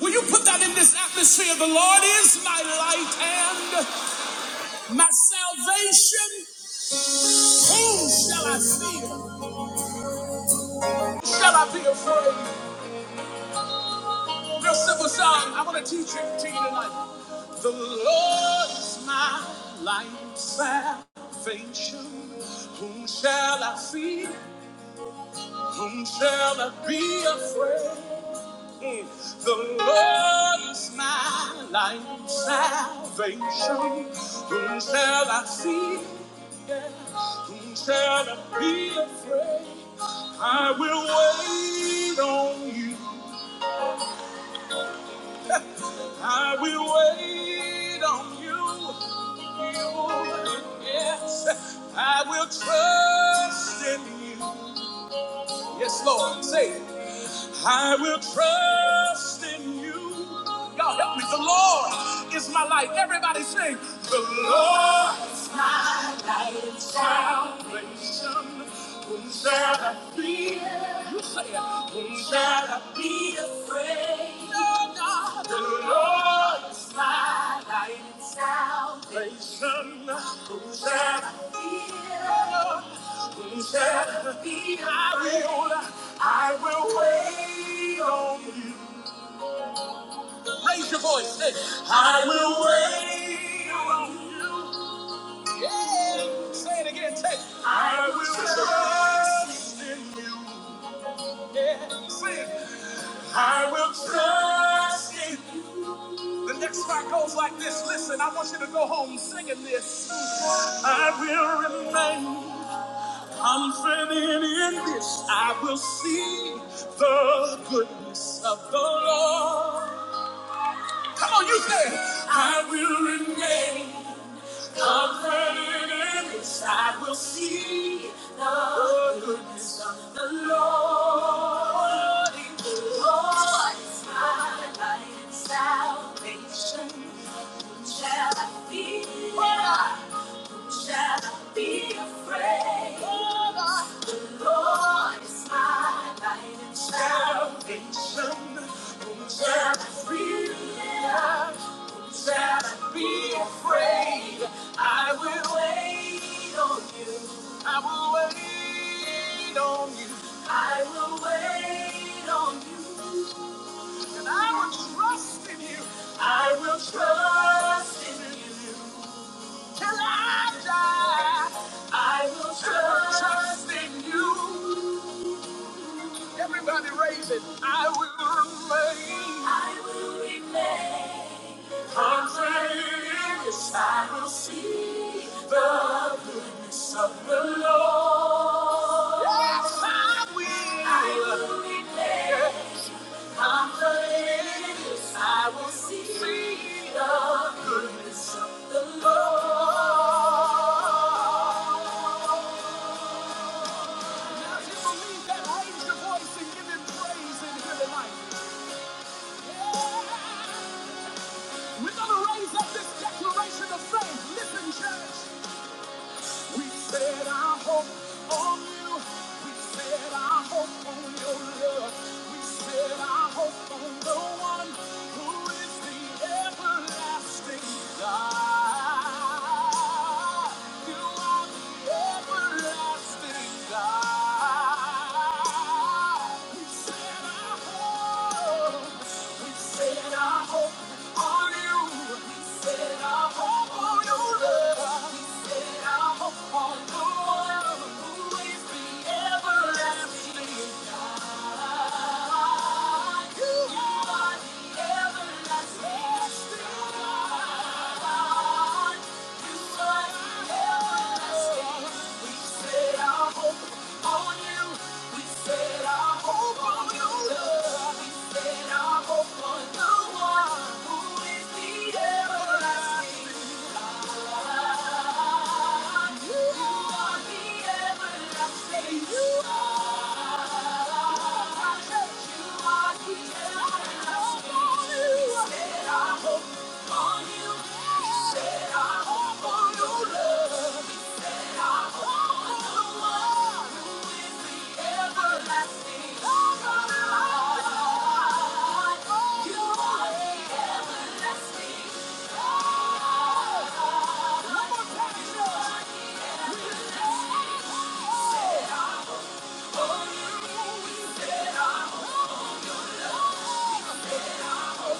Will you put that in this atmosphere? The Lord is my light and my salvation. Whom shall I fear? Shall I be afraid? Real simple song. I want to teach it to you tonight. The Lord is my light and salvation. Whom shall I fear? Whom shall I be afraid? The Lord is my light and salvation. Whom shall I fear? Whom shall I be afraid? I will wait on you. I will wait on you. Yes, I will trust in you. Yes, Lord. Say it. I will trust in you. God help me. The Lord is my light. Everybody sing. The Lord is my light and salvation. Whom shall I fear? You say it. Whom shall I be afraid? No, God. The Lord is salvation. Whom shall I fear? Be I will, I will wait on you. Raise your voice, say, I will wait on you. Yeah, say it again, say, I will trust you. Yeah, sing, I will trust you. The next part goes like this. Listen, I want you to go home singing this. I will remain confident in this. I will see the goodness of the Lord. Come on, you say it. I will remain comforted in this. I will see the goodness of the Lord. The Lord is my light and salvation. Whom Shall I fear? Whom Shall I be afraid? The Lord is my light and salvation. Whom Shall I fear? shall I be afraid. I will wait on you. I will wait on you. I will wait on you. And I will trust in you. I will trust in you. Till I die, I will trust in you. Everybody raise it. I will remain. I will remain. Confident, yes, I will see the goodness of the Lord. Yes, I will. I will remain. Confident, yes, I will see, the, the Lord. Now, if you believe that, raise your voice and give Him praise in here tonight. Yeah. We're going to raise up this declaration of faith. Listen, church. We set our hope on you. We set our hope on your love. We set our hope on the one who is the everlasting God. You are the everlasting Everlasting. You are the everlasting. You Oh! Ain't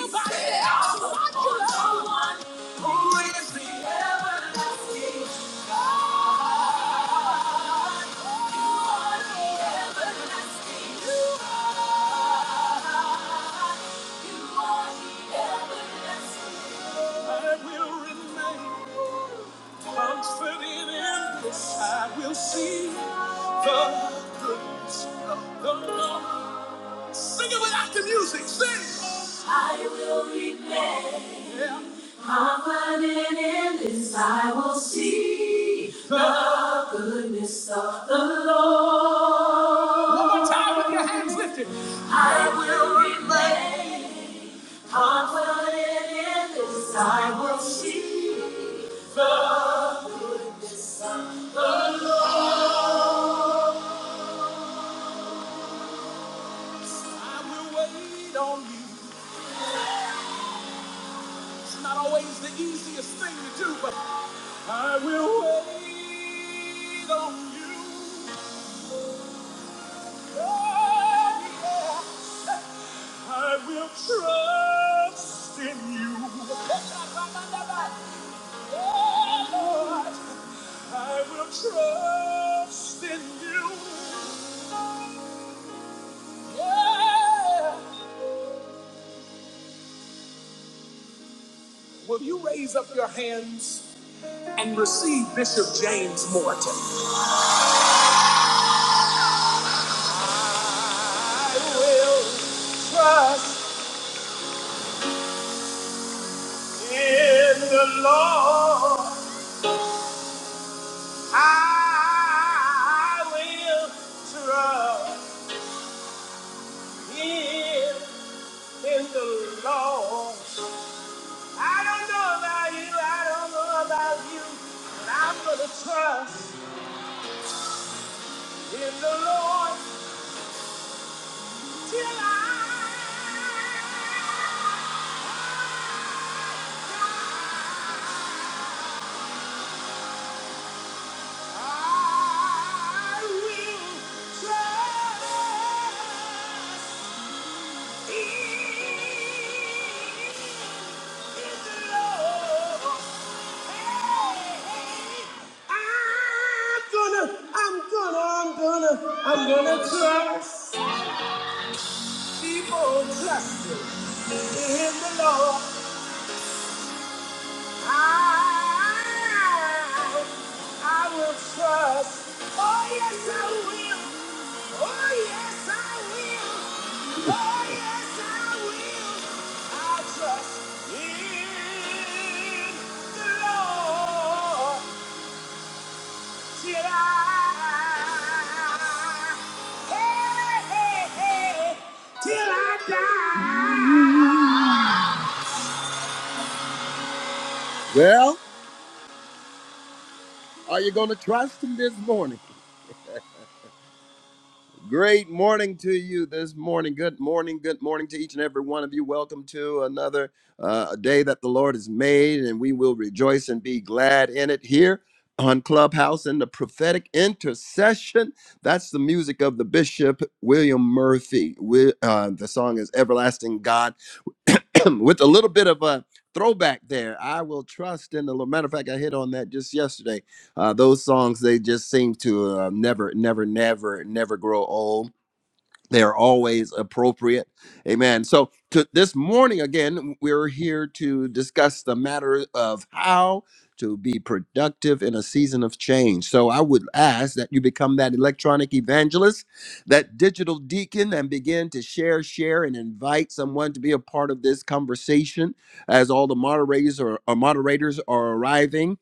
nobody else like you, Lord. Who is the everlasting God? You are the everlasting God. You are the everlasting I will remain confident in this. I will see the goodness of the Lord. Sing it without the music. Sing. I will remain Yeah. Confident in this, I will see the goodness of the Lord. One more time with your hands lifted. I will remain confident in this, I will see. the goodness I will wait on you. It's not always the easiest thing to do, but. I will wait on you. Oh, yeah. I will trust in you. Oh, Lord, I will trust in you. Yeah. Will you raise up your hands and receive Bishop James Morton? I will trust. In the Lord I will trust Him. In the Lord, I don't know about you. I don't know about you, but I'm gonna trust in the Lord till I. I will trust. I'm gonna, I'm gonna, I'm gonna, I'm gonna trust people trusting in the Lord. I, I will trust. Oh yes, I will. Oh yes, I will. Oh yes, I will. I trust in the Lord. Well, are you going to trust him this morning? Great morning to you this morning. Good morning. Good morning to each and every one of you. Welcome to another uh, day that the Lord has made, and we will rejoice and be glad in it here on Clubhouse in the prophetic intercession. That's the music of the Bishop William Murphy. Wi- uh, the song is Everlasting God. with a little bit of a throwback there. I will trust in the Lord. Matter of fact, I hit on that just yesterday. Uh, those songs they just seem to uh, never, never, never, never grow old they are always appropriate amen so to this morning again we're here to discuss the matter of how to be productive in a season of change so i would ask that you become that electronic evangelist that digital deacon and begin to share share and invite someone to be a part of this conversation as all the moderators or, or moderators are arriving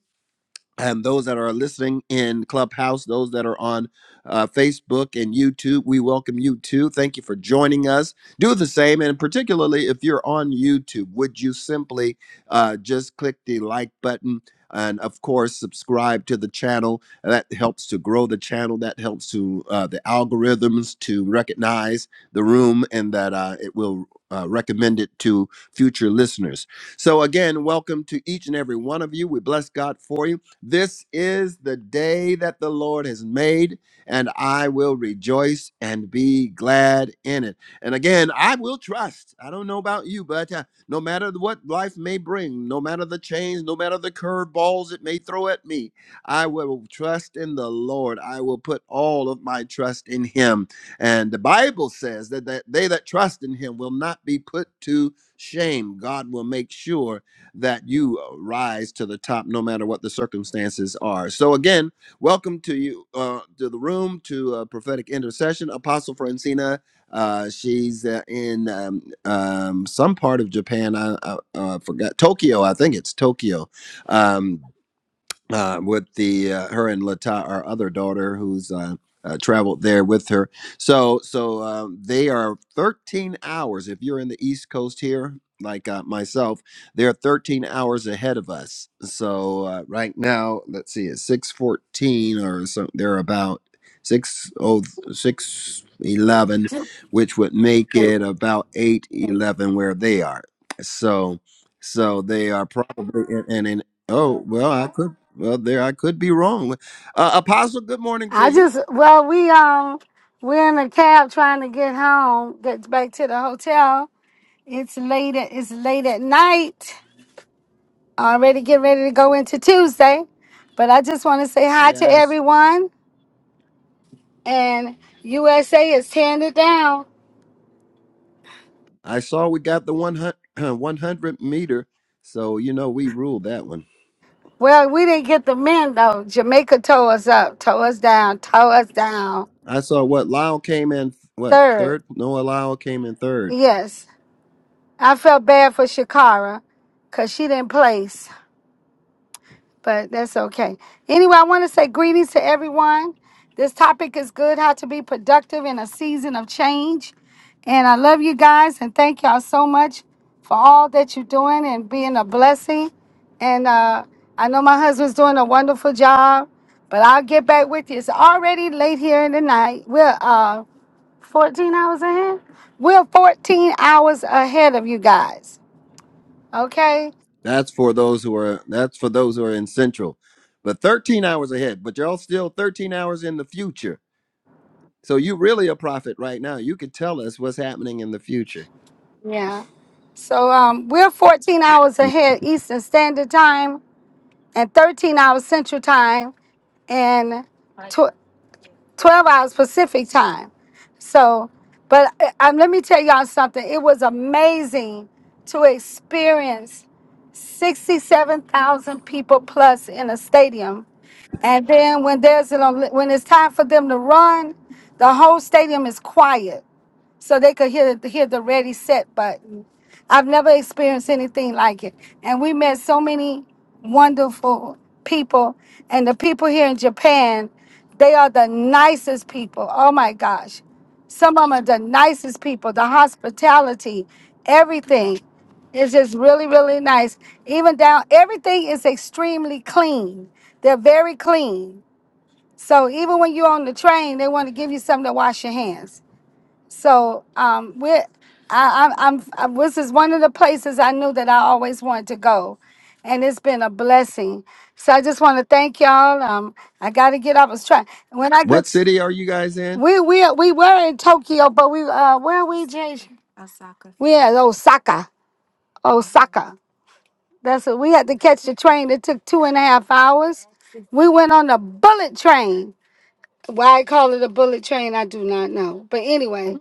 and those that are listening in Clubhouse, those that are on uh, Facebook and YouTube, we welcome you too. Thank you for joining us. Do the same, and particularly if you're on YouTube, would you simply uh, just click the like button? And of course, subscribe to the channel. That helps to grow the channel. That helps to uh, the algorithms to recognize the room, and that uh, it will uh, recommend it to future listeners. So again, welcome to each and every one of you. We bless God for you. This is the day that the Lord has made, and I will rejoice and be glad in it. And again, I will trust. I don't know about you, but uh, no matter what life may bring, no matter the change, no matter the curveballs it may throw at me, I will trust in the Lord. I will put all of my trust in Him. And the Bible says that, that they that trust in Him will not be put to shame. God will make sure that you uh, rise to the top no matter what the circumstances are. So, again, welcome to you uh, to the room to uh, prophetic intercession. Apostle Francina, uh, she's uh, in um, um, some part of Japan. I, I uh, forgot Tokyo, I think it's Tokyo. Um, uh, with the uh, her and Lata, our other daughter, who's uh, uh, traveled there with her. So so um, they are 13 hours. If you're in the East Coast here, like uh, myself, they're 13 hours ahead of us. So uh, right now, let's see, it's 6:14 or so. They're about six oh six eleven, which would make it about 8:11 where they are. So so they are probably in and, and oh well, I could. Well, there I could be wrong. Uh, Apostle, good morning to I you. just well we um we're in a cab trying to get home, get back to the hotel. It's late at, it's late at night. Already getting ready to go into Tuesday. But I just want to say hi to Yes, everyone and USA is tearing it down. I saw we got the 100, meter, so you know we ruled that one. Well, we didn't get the men though. Jamaica tore us up, tore us down, tore us down. I saw what Lyle came in what Third. third? Noah Lyle came in third. Yes. I felt bad for Shakara because she didn't place. but that's okay. Anyway, I want to say greetings to everyone. This topic is good how to be productive in a season of change. And I love you guys and thank y'all so much for all that you're doing and being a blessing. And uh, I know my husband's doing a wonderful job, but I'll get back with you. It's already late here in the night. We're uh, 14 hours ahead. We're 14 hours ahead of you guys. Okay? That's for those who are that's for those who are in central, but 13 hours ahead. But y'all still 13 hours in the future, so you really a prophet right now. You could tell us what's happening in the future. Yeah. So um, we're 14 hours ahead Eastern Standard Time and 13 hours Central Time and tw- 12 hours Pacific Time. So, but I, I- let me tell y'all something. It was amazing to experience 67,000 people plus in a stadium. And then when there's an, Olymp- when it's time for them to run, the whole stadium is quiet so they could hear hear the ready set button. I've never experienced anything like it, and we met so many wonderful people. And the people here in Japan, they are the nicest people. Oh my gosh, some of them are the nicest people. The hospitality, everything, is just really really nice. Even down, everything is extremely clean. They're very clean. So even when you're on the train, they want to give you something to wash your hands so um, we, I, I, I'm, I, this is one of the places I knew that I always wanted to go, and it's been a blessing. So I just want to thank y'all. Um, I got to get up. I was trying when I get. What s- city are you guys in? We we we were in Tokyo, but we uh, where are we, Jay? We at Osaka. Osaka. That's what we had to catch the train. It took two and a half hours. We went on the bullet train Why I call it a bullet train, I do not know. But anyway,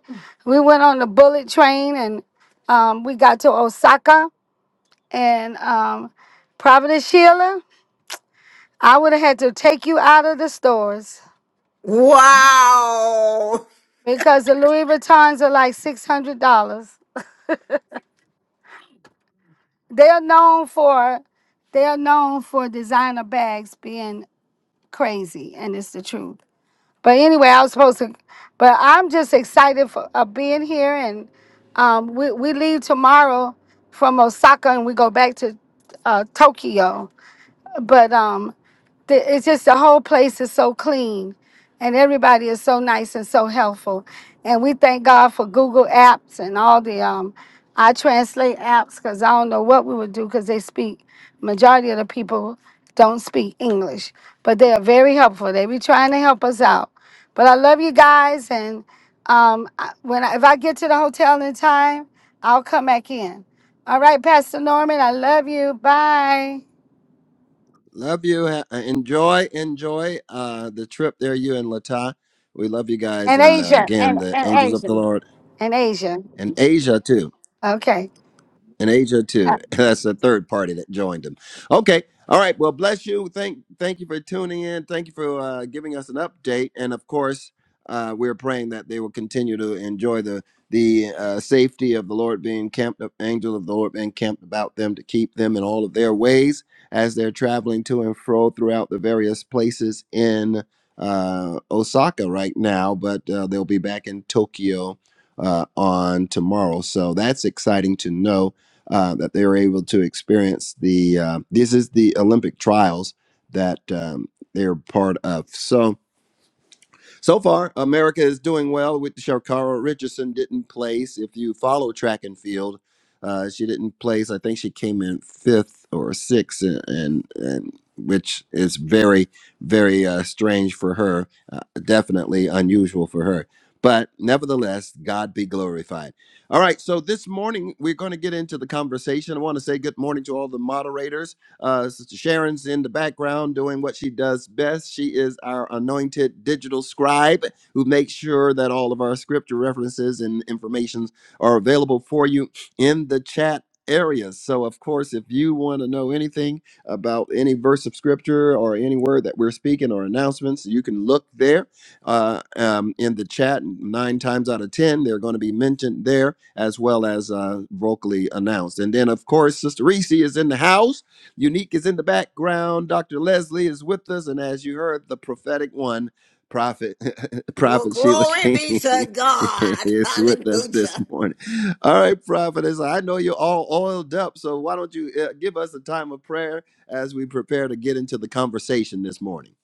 we went on the bullet train and um, we got to Osaka and um, Providence, Sheila. I would have had to take you out of the stores Wow. because the Louis Vuittons are like six hundred dollars. They are known for they are known for designer bags being crazy, and it's the truth. But anyway, I was supposed to. But I'm just excited for uh, being here, and um, we we leave tomorrow from Osaka, and we go back to uh, Tokyo. But um, the- it's just the whole place is so clean and everybody is so nice and so helpful and we thank god for google apps and all the um i translate apps because i don't know what we would do because they speak majority of the people don't speak english but they are very helpful they be trying to help us out but i love you guys and um I- when I, if i get to the hotel in time i'll come back in all right pastor norman i love you bye Love you. Ha- uh, Enjoy, enjoy uh, the trip there, you and Lata. We love you guys. and And uh, asia again, the angels of the asia Lord and Asia. and Asia, too Okay. and Asia too. That's a third party that joined him. Okay. All right. Well, bless you. Thank thank you for tuning in. Thank you for uh, giving us an update. And of course, uh, we're praying that they will continue to enjoy the the uh, safety of the Lord being camped, up, angel of the Lord being camped about them to keep them in all of their ways as they're traveling to and fro throughout the various places in uh, Osaka right now. But uh, they'll be back in Tokyo uh, on tomorrow, so that's exciting to know uh, that they were able to experience the uh, this is the Olympic trials that um, they were part of. So so far, America is doing well with Shakara Richardson didn't place. If you follow track and field, uh, she didn't place. I think she came in fifth or sixth, and and, and which is very very uh, strange for her. Uh, definitely unusual for her. But nevertheless, God be glorified. All right, so this morning we're going to get into the conversation. I want to say good morning to all the moderators. Uh, Sister Sharon's in the background doing what she does best. She is our anointed digital scribe who makes sure that all of our scripture references and informations are available for you in the chat area. So, of course, if you want to know anything about any verse of scripture or any word that we're speaking or announcements, you can look there uh, um, in the chat. Nine times out of 10, they're going to be mentioned there as well as uh, vocally announced. And then, of course, Sister Reese is in the house Unique is in the background. Dr. Leslie is with us. And as you heard, the prophetic one, Prophet, Well, Prophet Sheila glory be to King, God. is with us this Hallelujah. morning. All right, Prophetess, I know you're all oiled up. So why don't you uh, give us a time of prayer as we prepare to get into the conversation this morning?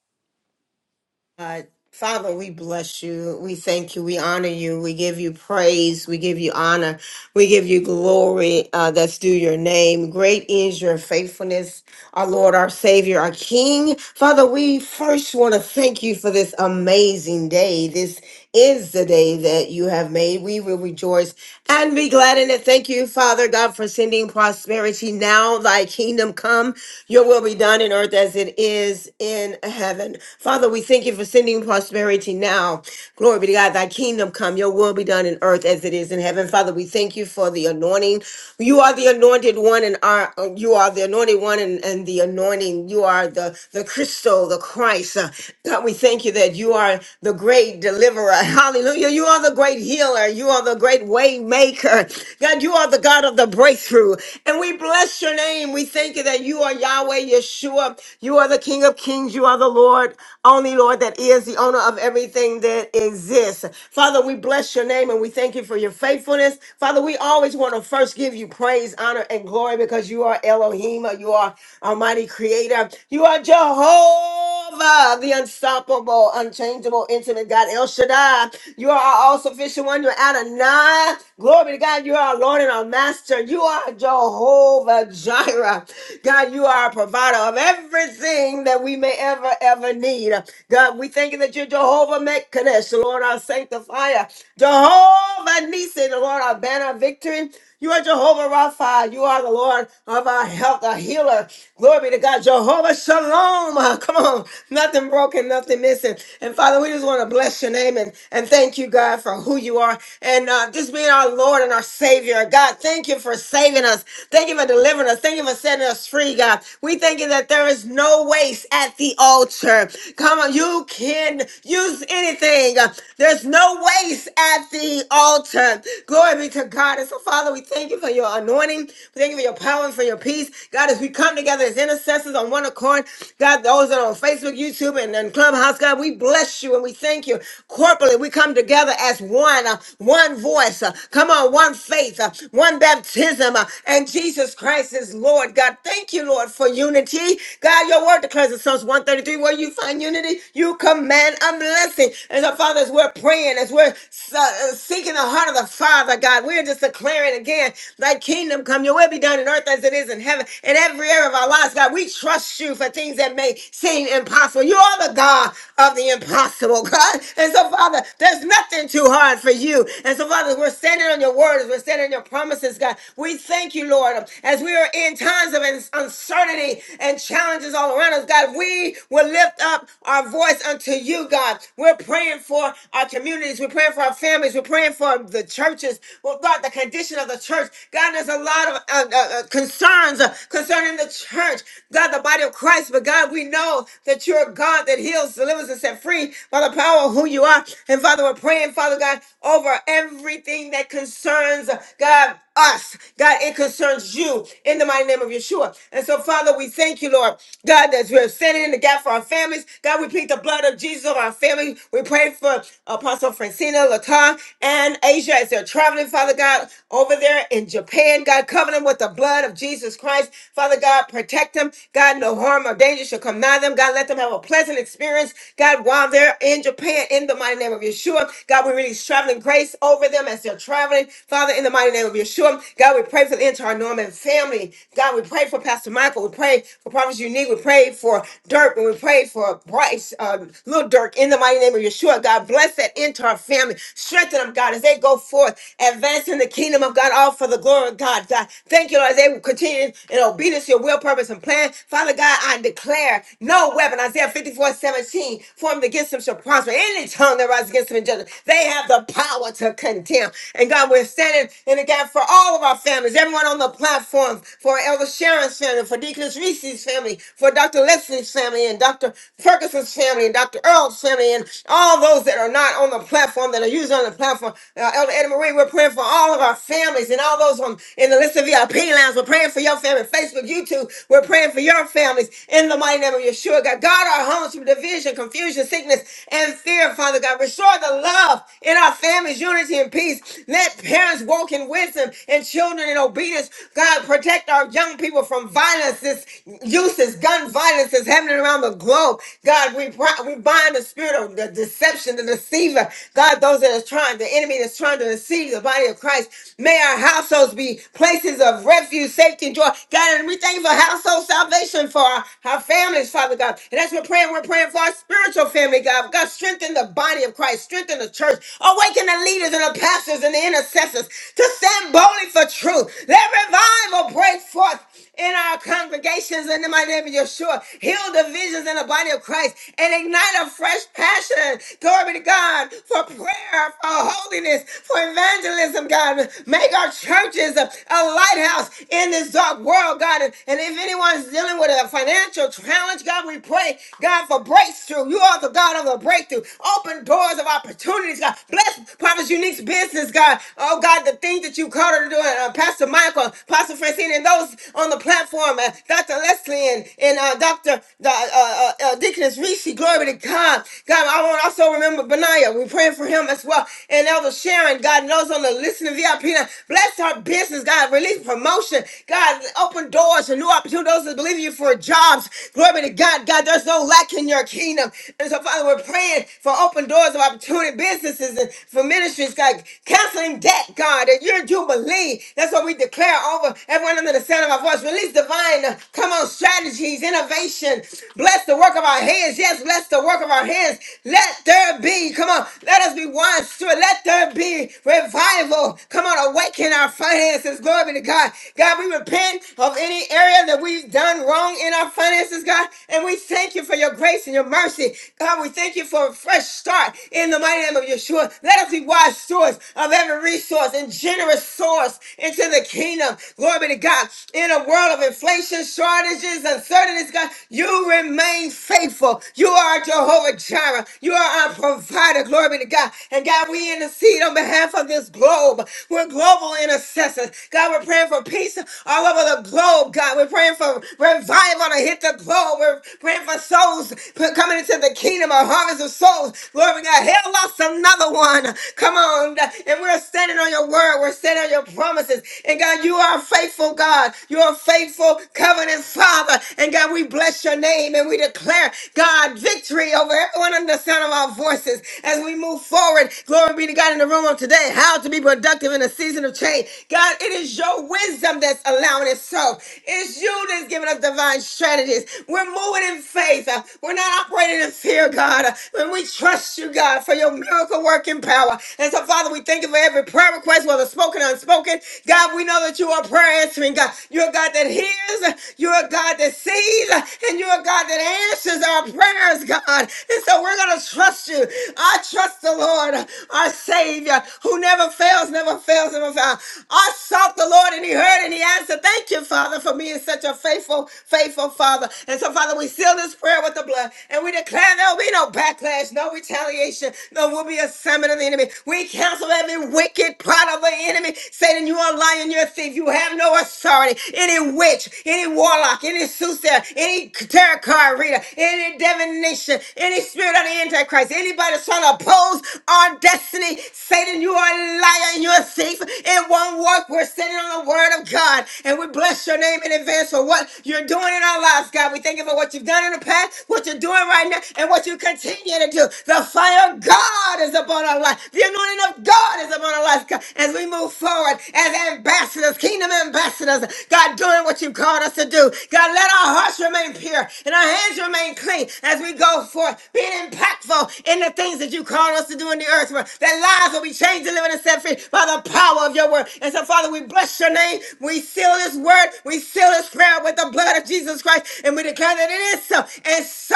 God, Father, we bless you. We thank you. We honor you. We give you praise. We give you honor. We give you glory uh, that's due your name. Great is your faithfulness, our Lord, our Savior, our King. Father, we first want to thank you for this amazing day. This is the day that you have made. We will rejoice And be glad in it. Thank you, Father God, for sending prosperity now. Thy kingdom come, your will be done in earth as it is in heaven. Father, we thank you for sending prosperity now. Glory be to God. Thy kingdom come, your will be done in earth as it is in heaven. Father, we thank you for the anointing. You are the anointed one, and are uh, you are the anointed one, and, and the anointing. You are the the crystal, the Christ. Uh, God, we thank you that you are the great deliverer. Hallelujah! You are the great healer. You are the great way maker. God, you are the God of the breakthrough, and we bless your name. We thank you that you are Yahweh Yeshua. You are the King of Kings. You are the Lord only Lord that is the owner of everything that exists. Father, we bless your name and we thank you for your faithfulness. Father, we always want to first give you praise, honor, and glory because you are Elohim, you are Almighty Creator, you are Jehovah, the unstoppable, unchangeable, intimate God, El Shaddai. You are our all sufficient one, you're Adonai. Glory to God, you are our Lord and our Master, you are Jehovah Jireh. God, you are a provider of everything that we may ever, ever need. God, we thank you that you're Jehovah Mekadesh, Lord, our sanctifier. Jehovah Nisi, Lord, our banner of victory. You are Jehovah Rapha. You are the Lord of our health, our healer. Glory be to God. Jehovah Shalom. Uh, Come on. Nothing broken, nothing missing. And Father, we just want to bless your name and, and thank you, God, for who you are and uh, just being our Lord and our Savior. God, thank you for saving us. Thank you for delivering us. Thank you for setting us free, God. We thank you that there is no waste at the altar. Come on. You can use anything. Uh, There's no waste at the altar. Glory be to God. And so, Father, Father, we thank you for your anointing. We thank you for your power and for your peace. God, as we come together as intercessors on one accord, God, those that are on Facebook, YouTube, and, and Clubhouse, God, we bless you and we thank you. Corporately, we come together as one, uh, one voice. uh, come on, one faith, uh, one baptism, uh, and Jesus Christ is Lord. God, thank you, Lord, for unity. God, your word declares in Psalms 133, where you find unity, you command a blessing. And so, Father, as we're praying, as we're uh, seeking the heart of the Father, God, we're just declaring declaring again, thy kingdom come, your will be done in earth as it is in heaven. In every area of our lives, God, we trust you for things that may seem impossible. You are the God of the impossible, God. And so, Father, there's nothing too hard for you. And so, Father, we're standing on your word, as we're standing on your promises, God. We thank you, Lord, as we are in times of uns- uncertainty and challenges all around us, God. We will lift up our voice unto you, God. We're praying for our communities. We're praying for our families. We're praying for the churches. Well, God, the conditions condition of the church. God, there's a lot of uh, uh, uh, concerns uh, concerning the church. God, the body of Christ. But God, we know that you're a God that heals, delivers, and set free by the power of who you are. And Father, we're praying, Father God, over everything that concerns uh, God us. God, it concerns you in the mighty name of Yeshua. And so, Father, we thank you, Lord, God, that we are standing in the gap for our families. God, we plead the blood of Jesus over our families. We pray for Apostle Francina, Latar, and Asia as they're traveling, Father God, over there in Japan. God, cover them with the blood of Jesus Christ. Father God, protect them. God, no harm or danger shall come nigh them. God, let them have a pleasant experience. God, while they're in Japan, in the mighty name of Yeshua, God, we release traveling grace over them as they're traveling healing. Father, in the mighty name of Yeshua, God, we pray for the entire Norman family. God, we pray for Pastor Michael. We pray for Prophet Unique. We pray for Dirk. And we pray for Bryce, uh, little Dirk, in the mighty name of Yeshua. God, bless that entire family. Strengthen them, God, as they go forth, advancing the kingdom of God, all for the glory of God. God, thank you, Lord, as they will continue in obedience to your will, purpose, and plan. Father God, I declare no weapon, Isaiah 54 17 formed against them shall prosper. Any tongue that rises against them in judgment, they have the power to to contempt. And God, we're standing in the gap for all of our families, everyone on the platform, for Elder Sharon's family, for Deaconess Reese's family, for Dr. Leslie's family, and Dr. Ferguson's family, and Dr. Earl's family, and all those that are not on the platform, that are used on the platform. Uh, Elder Eddie Marie, we're praying for all of our families and all those on in the list of VIP lines. We're praying for your family, Facebook, YouTube. We're praying for your families in the mighty name of Yeshua. God, guard our homes from division, confusion, sickness, and fear, Father God. Restore the love love, in our families, unity and peace. Let parents walk in wisdom and children in obedience. God, protect our young people from violence, this youth, this gun violence that's happening around the globe. God, we, pro- we bind the spirit of the deception, the deceiver. God, those that are trying, the enemy that's trying to deceive the body of Christ. May our households be places of refuge, safety, and joy. God, and we thank you for household salvation for our, our families, Father God. And that's what we're praying. We're praying for our spiritual family, God. God, strengthen the the body of Christ, strengthen the church, awaken the leaders and the pastors and the intercessors to stand boldly for truth. Let revival break forth in our congregations in the mighty name of Yeshua. Heal divisions in the body of Christ and ignite a fresh passion. Glory be to God for prayer, for holiness, for evangelism, God. Make our churches a, a lighthouse in this dark world, God. And, and if anyone's dealing with a financial challenge, God, we pray, God, for breakthrough. You are the Father God, of a breakthrough. Open doors of opportunities, God. Bless Prophet Unique's business, God. Oh, God, the things that you called her to do, uh, uh, Pastor Michael, Pastor Francine, and those on the platform, uh, Dr. Leslie and, and uh, Dr. The, uh, uh, uh, Deaconess Rishi, glory to God. God, I want to also remember Benaiah. We're praying for him as well. And Elder Sharon, God, and those on the listening VIP. line. Bless her business, God. Release promotion. God, open doors and new opportunities. Those that believe in you for jobs. Glory to God. God, there's no lack back in your kingdom. And so, Father, we're praying for open doors of opportunity, businesses, and for ministries, God, canceling debt, God, that you're Jubilee. That's what we declare over everyone under the sound of our voice. Release divine, uh, come on, strategies, innovation. Bless the work of our hands. Yes, bless the work of our hands. Let there be, come on, let us be one steward. Let there be revival. Come on, awaken our finances. Glory be to God. God, we repent of any area that we've done wrong in our finances, God. God. And we thank you for your grace and your mercy. God, we thank you for a fresh start in the mighty name of Yeshua. Let us be wise stewards of every resource and generous source into the kingdom. Glory be to God. In a world of inflation, shortages, uncertainties, God, you remain faithful. You are Jehovah Jireh. You are our provider. Glory be to God. And God, we intercede on behalf of this globe. We're global intercessors. God, we're praying for peace all over the globe. God, we're praying for revival. I am going to hit the globe. We're praying for souls p- coming into the kingdom, a harvest of souls. Glory to God. Hell lost another one. Come on. And we're standing on your word. We're standing on your promises. And God, you are a faithful God. You're a faithful covenant father. And God, we bless your name and we declare, God, victory over everyone under the sound of our voices as we move forward. Glory be to God in the room of today. How to be productive in a season of change. God, it is your wisdom that's allowing it so. It's you that's giving us divine strategies. We're moving in faith. Uh, We're not operating in fear, God. Uh, When we trust you, God, for your miracle working power. And so, Father, we thank you for every prayer request, whether spoken or unspoken. God, we know that you are prayer answering God. You're a God that hears, you're a God that sees, and you're a God that answers our prayers, God. And so we're gonna trust you. I trust the Lord, our Savior, who never fails, never fails, never fails. I sought the Lord and he heard and he answered mind. So thank you, Father, for being such a faithful, faithful Father. And so, Father, we seal this prayer with the blood and we declare there'll be no backlash, no retaliation, no will be a summit of the enemy. We cancel every wicked plot of the enemy. Satan, you are lying, you're a thief. You have no authority. Any witch, any warlock, any soothsayer, any tarot card reader, any divination, any spirit of the Antichrist, anybody that's trying to oppose our destiny, Satan, you are a liar and you're a thief. It won't work. We're standing on the word of God. And we bless your name in advance for what you're doing in our lives, God. We thank you for what you've done in the past, what you're doing right now, and what you continue to do. The fire of God is upon our life. The anointing of God is upon our lives, God. As we move forward as ambassadors, kingdom ambassadors, God, doing what you called us to do. God, let our hearts remain pure and our hands remain clean as we go forth, being impactful in the things that you called us to do in the earth. That lives will be changed, delivered, and set free by the power power of your word. And so, Father, we bless your name. We seal this word. We seal this prayer with the blood of Jesus Christ. And we declare that it is so. And so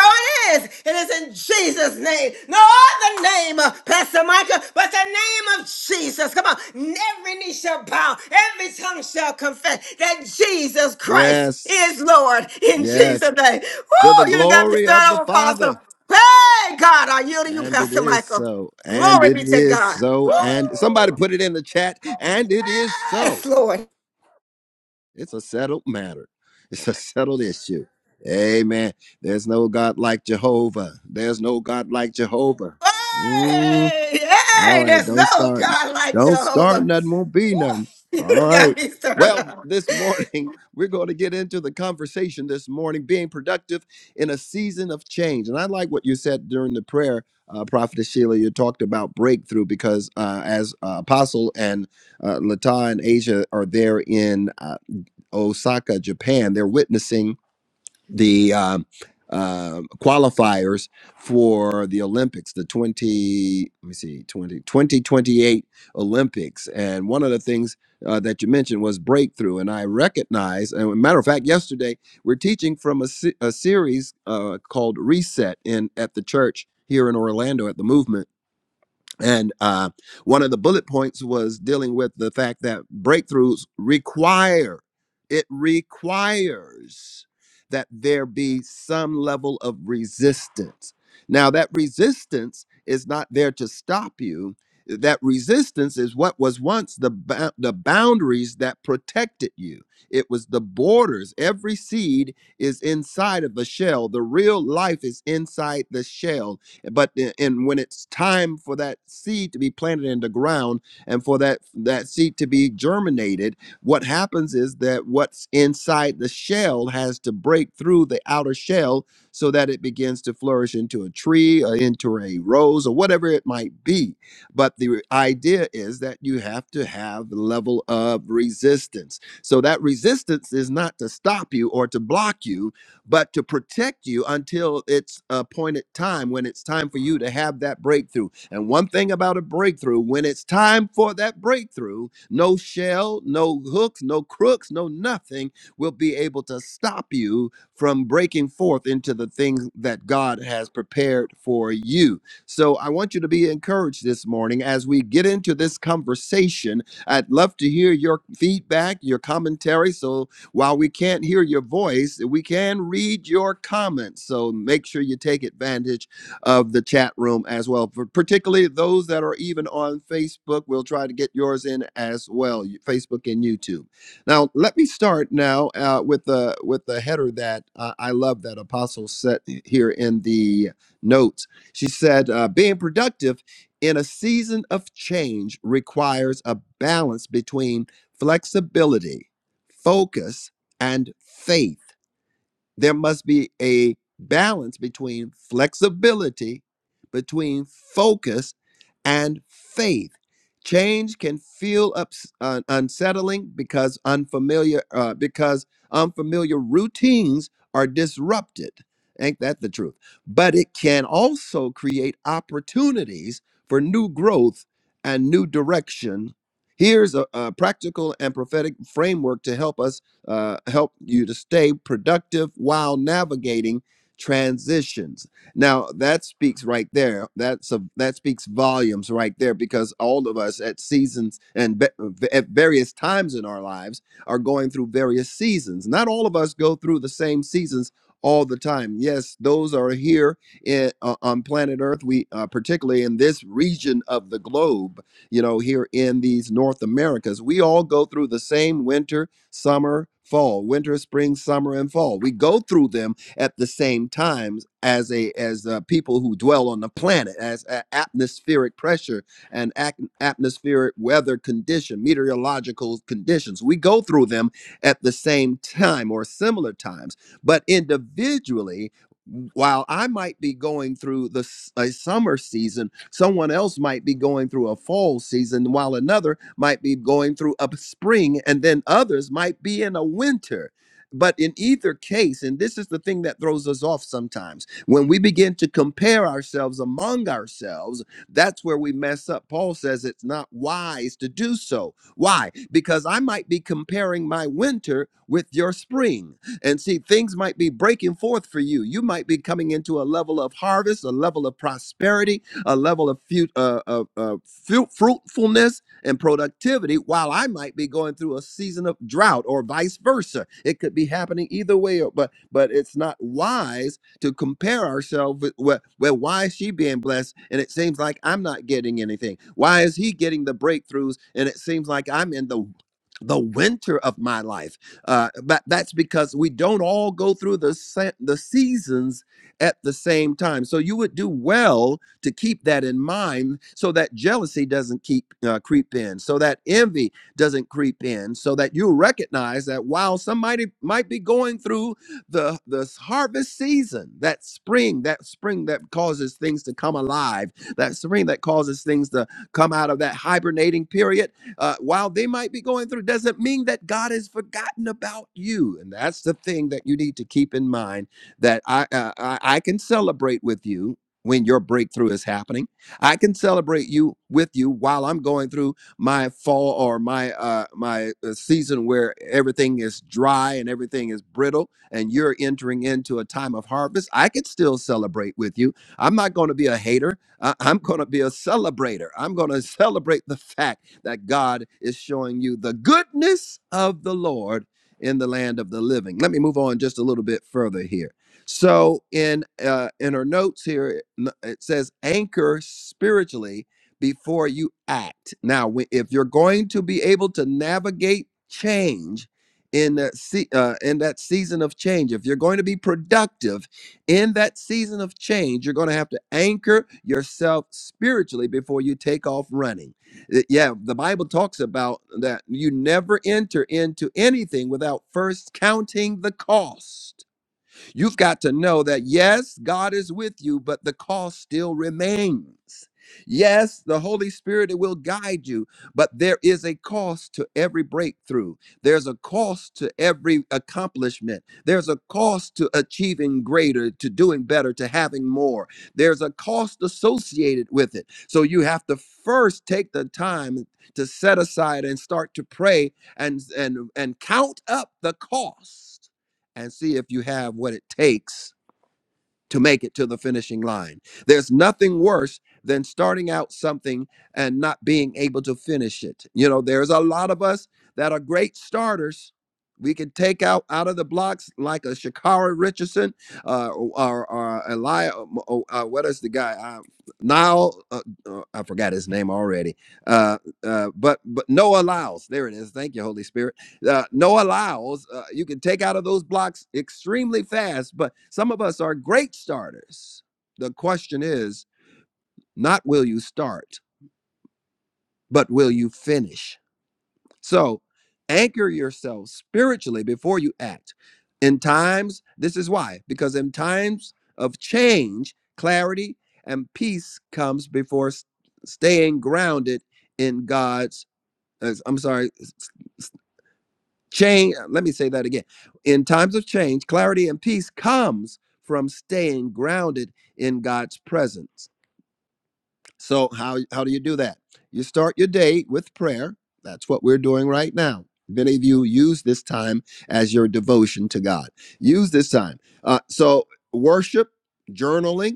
it is. It is in Jesus' name. No other name, uh, Pastor Micah, but the name of Jesus. Come on. Every knee shall bow. Every tongue shall confess that Jesus Christ Yes, is Lord in Jesus' yes. name. To the Woo! You done got me glory of started the over, Apostle. Father. Hey, God, I yield to you, And it Pastor is Michael. so. And Glory it be to is God. so. And Woo! somebody put it in the chat. And it is so. Yes, Lord. It's a settled matter. It's a settled issue. Amen. There's no God like Jehovah. There's no God like Jehovah. Mm, Hey, all hey, right, there's don't no start. God like Don't start. Jehovah. Nothing won't be none. Woo, You All done got right. me stirred Well, up. this morning, we're going to get into the conversation this morning, being productive in a season of change. And I like what you said during the prayer, uh, Prophetess Sheila. You talked about breakthrough because uh, as uh, Apostle and uh, Lata and Asia are there in. uh, Osaka, Japan. They're witnessing the um, uh, qualifiers for the Olympics, the 20, let me see, 20 2028 Olympics. And one of the things uh, that you mentioned was breakthrough. And I recognize, and a matter of fact, yesterday we're teaching from a, se- a series uh, called Reset in at the church here in Orlando at the movement and uh, one of the bullet points was dealing with the fact that breakthroughs require, it requires that there be some level of resistance. Now, that resistance is not there to stop you. That resistance is what was once the, bou- the boundaries that protected you. It was the borders. Every seed is inside of the shell. The real life is inside the shell but i- and when it's time for that seed to be planted in the ground and for that that seed to be germinated, what happens is that what's inside the shell has to break through the outer shell so that it begins to flourish into a tree or into a rose or whatever it might be. But the idea is that you have to have the level of resistance. So that resistance is not to stop you or to block you but to protect you until its appointed time when it's time for you to have that breakthrough. And one thing about a breakthrough, when it's time for that breakthrough, no shell, no hooks, no crooks, no nothing will be able to stop you from breaking forth into the things that God has prepared for you. So I want you to be encouraged this morning as we get into this conversation. I'd love to hear your feedback, your commentary. So while we can't hear your voice, we can read your comments. So make sure you take advantage of the chat room as well, for particularly those that are even on Facebook. We'll try to get yours in as well, Facebook and YouTube. Now, let me start now uh, with the with the header that uh, I love that Apostle set here in the notes. She said, uh, "Being productive." In a season of change requires a balance between flexibility focus, and faith. There must be a balance between flexibility, between focus, and faith. Change can feel ups, un- unsettling because unfamiliar uh, because unfamiliar routines are disrupted. Ain't that the truth? But it can also create opportunities for new growth and new direction Here's a, a practical and prophetic framework to help us uh, help you to stay productive while navigating transitions. Now that speaks right there. That's a that speaks volumes right there because all of us at seasons and ve- at various times in our lives are going through various seasons. Not all of us go through the same seasons all the time. Yes, those are here in, uh, on planet Earth. We uh, particularly in this region of the globe, you know, here in these North Americas, we all go through the same winter summer, fall, winter, spring, summer, and fall. We go through them at the same times as a as uh, people who dwell on the planet, as a- atmospheric pressure and ac- atmospheric weather condition, meteorological conditions. We go through them at the same time or similar times, but individually while I might be going through the s- a summer season, someone else might be going through a fall season, while another might be going through a spring, and then others might be in a winter. But in either case, and this is the thing that throws us off sometimes, when we begin to compare ourselves among ourselves, that's where we mess up. Paul says it's not wise to do so. Why? Because I might be comparing my winter with your spring. And see, things might be breaking forth for you. You might be coming into a level of harvest, a level of prosperity, a level of fu- uh, uh, uh, fu- fruitfulness and productivity, while I might be going through a season of drought or vice versa. It could be happening either way, or- but but it's not wise to compare ourselves with well, well, why is she being blessed and it seems like I'm not getting anything? Why is he getting the breakthroughs and it seems like I'm in the the winter of my life uh, but that's because we don't all go through the sa- the seasons at the same time. So you would do well to keep that in mind, so that jealousy doesn't keep uh, creep in, so that envy doesn't creep in, so that you recognize that while somebody might be going through the the harvest season, that spring, that spring that causes things to come alive, that spring that causes things to come out of that hibernating period uh, while they might be going through doesn't mean that God has forgotten about you. And that's the thing that you need to keep in mind that I, uh, I, I can celebrate with you when your breakthrough is happening. I can celebrate you with you while I'm going through my fall or my uh, my uh, season where everything is dry and everything is brittle and you're entering into a time of harvest. I can still celebrate with you. I'm not going to be a hater. I- I'm going to be a celebrator. I'm going to celebrate the fact that God is showing you the goodness of the Lord in the land of the living. Let me move on just a little bit further here. So in uh, in her notes here, n- it says anchor spiritually before you act. Now, wh- if you're going to be able to navigate change in that se- uh, in that season of change, if you're going to be productive in that season of change, you're going to have to anchor yourself spiritually before you take off running. Yeah, the Bible talks about that you never enter into anything without first counting the cost. You've got to know that yes, God is with you, but the cost still remains. Yes, the Holy Spirit will guide you, but there is a cost to every breakthrough. There's a cost to every accomplishment. There's a cost to achieving greater, to doing better, to having more. There's a cost associated with it. So you have to first take the time to set aside and start to pray and and and count up the cost and see if you have what it takes to make it to the finishing line. There's nothing worse than starting out something and not being able to finish it. You know, there's a lot of us that are great starters. We can take out out of the blocks like a Shakara Richardson uh, or, or Eli. um, oh, Uh, what is the guy? Uh, Nile. Uh, uh, I forgot his name already. Uh, uh, but but Noah Lyles. There it is. Thank you, Holy Spirit uh, no allows. Uh, you can take out of those blocks extremely fast, but some of us are great starters. The question is not will you start, but will you finish? So anchor yourself spiritually before you act. In times, this is why, because in times of change, clarity and peace comes before s- staying grounded in God's, uh, I'm sorry, Change, uh, let me say that again. In times of change, clarity and peace comes from staying grounded in God's presence. So how how do you do that? You start your day with prayer. That's what we're doing right now. Many of you use this time as your devotion to God. Use this time. Uh, so worship, journaling.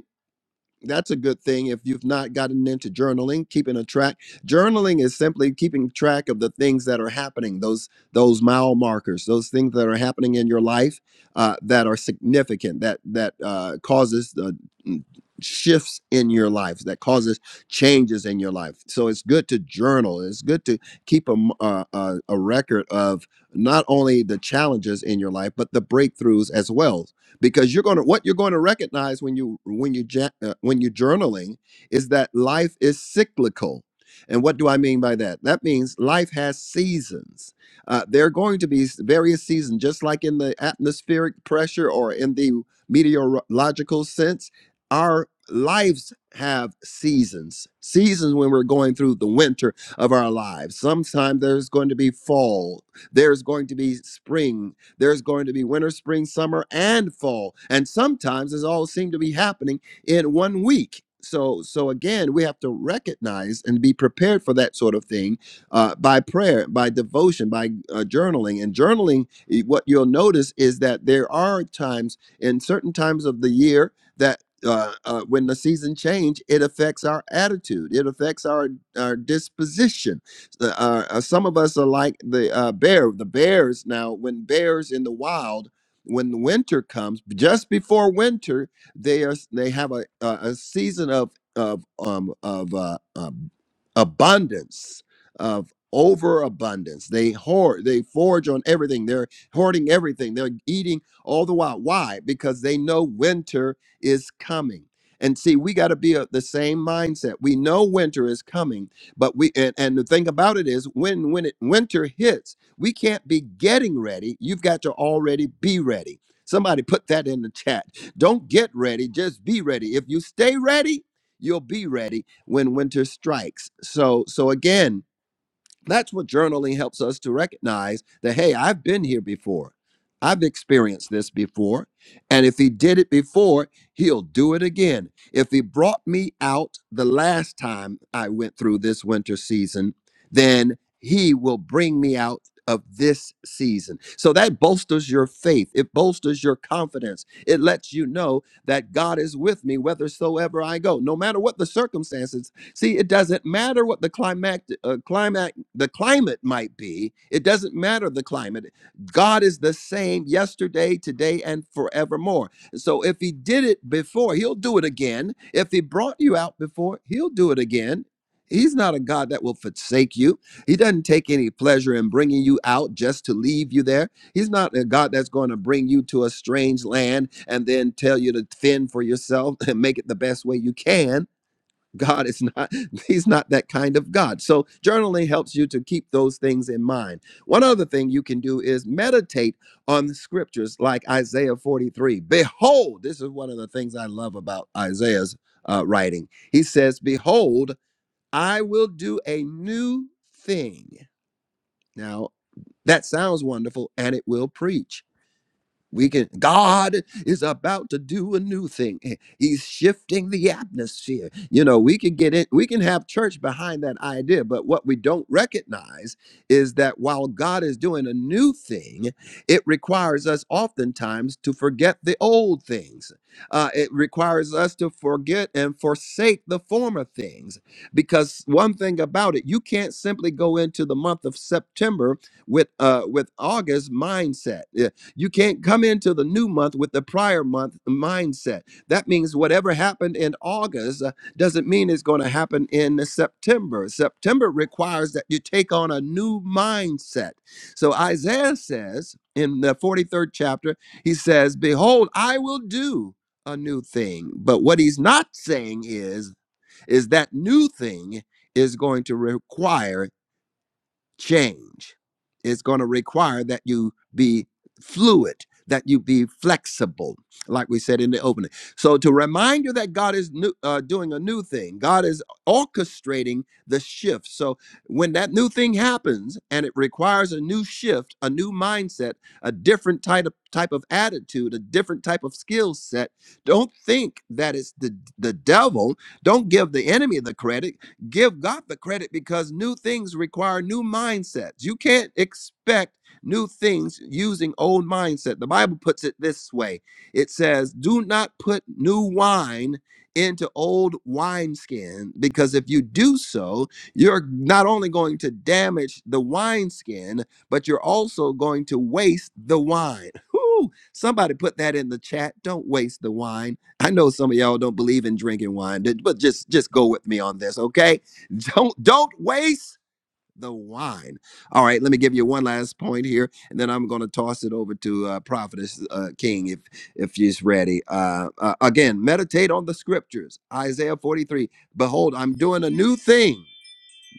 That's a good thing if you've not gotten into journaling, keeping a track. Journaling is simply keeping track of the things that are happening, those those mile markers, those things that are happening in your life uh, that are significant, that that uh, causes the mm, shifts in your life, that causes changes in your life. So it's good to journal. It's good to keep a m- uh, a, a record of not only the challenges in your life but the breakthroughs as well because you're going to what you're going to recognize when you when you ja- uh, when you're journaling is that life is cyclical and what do i mean by that that means life has seasons uh, there are going to be s- various seasons just like in the atmospheric pressure or in the meteorological sense our lives have seasons seasons when we're going through the winter of our lives sometime there's going to be fall there's going to be spring there's going to be winter, spring, summer, and fall. And sometimes it all seems to be happening in one week. So, so again, we have to recognize and be prepared for that sort of thing uh, by prayer, by devotion, by uh, journaling. And journaling, eh, what you'll notice is that there are times in certain times of the year that uh, uh, when the season change, it affects our attitude, it affects our our disposition the, Uh, uh, some of us are like the uh, bear. The bears now, when bears in the wild, when winter comes, just before winter, they are they have a a, a season of of um of uh, um, abundance of overabundance. They hoard, they forage on everything. They're hoarding everything. They're eating all the while. Why? Because they know winter is coming. And see, we got to be of the same mindset. We know winter is coming but we and, and the thing about it is when when it winter hits, we can't be getting ready. You've got to already be ready. Somebody put that in the chat. Don't get ready, just be ready. If you stay ready, you'll be ready when winter strikes. So so again, that's what journaling helps us to recognize that, hey, I've been here before. I've experienced this before. And if he did it before, he'll do it again. If he brought me out the last time I went through this winter season, then he will bring me out of this season. So that bolsters your faith. It bolsters your confidence. It lets you know that God is with me whithersoever I go. No matter what the circumstances, See, it doesn't matter what the climate, uh, climate, the climate might be. It doesn't matter the climate. God is the same yesterday, today, and forevermore. So if He did it before, He'll do it again. If He brought you out before, He'll do it again. He's not a God that will forsake you. He doesn't take any pleasure in bringing you out just to leave you there. He's not a God that's going to bring you to a strange land and then tell you to fend for yourself and make it the best way you can God is not, he's not that kind of God. So journaling helps you to keep those things in mind. One other thing you can do is meditate on the scriptures like Isaiah 43. Behold, this is one of the things I love about Isaiah's uh, writing. He says, Behold, I will do a new thing. Now, that sounds wonderful and it will preach. We can, God is about to do a new thing. Eh, He's shifting the atmosphere. You know, we can get it, we can have church behind that idea, but what we don't recognize is that while God is doing a new thing, it requires us oftentimes to forget the old things. Uh, it requires us to forget and forsake the former things. Because one thing about it, you can't simply go into the month of September with uh with August mindset. Yeah, you can't come into the new month with the prior month mindset. That means whatever happened in August uh, doesn't mean it's going to happen in September. September requires that you take on a new mindset. So Isaiah says in the 43rd chapter, he says, Behold, I will do a new thing. But what he's not saying is, is that new thing is going to require change. It's going to require that you be fluid, that you be flexible, like we said in the opening. So, to remind you that God is new, uh, doing a new thing, God is orchestrating the shift. So, when that new thing happens and it requires a new shift, a new mindset, a different type of, type of attitude, a different type of skill set, don't think that it's the, the devil. Don't give the enemy the credit give God the credit because new things require new mindsets. You can't expect new things using old mindset. The Bible puts it this way. It says, "Do not put new wine into old wineskin because if you do so, you're not only going to damage the wineskin, but you're also going to waste the wine." Whew! Somebody put that in the chat. Don't waste the wine. I know some of y'all don't believe in drinking wine, but but just just go with me on this, okay? Don't don't waste the wine. All right, let me give you one last point here, and then I'm going to toss it over to uh, Prophetess uh, King if if she's ready. Uh, uh, again, meditate on the scriptures. Isaiah 43. Behold, I'm doing a new thing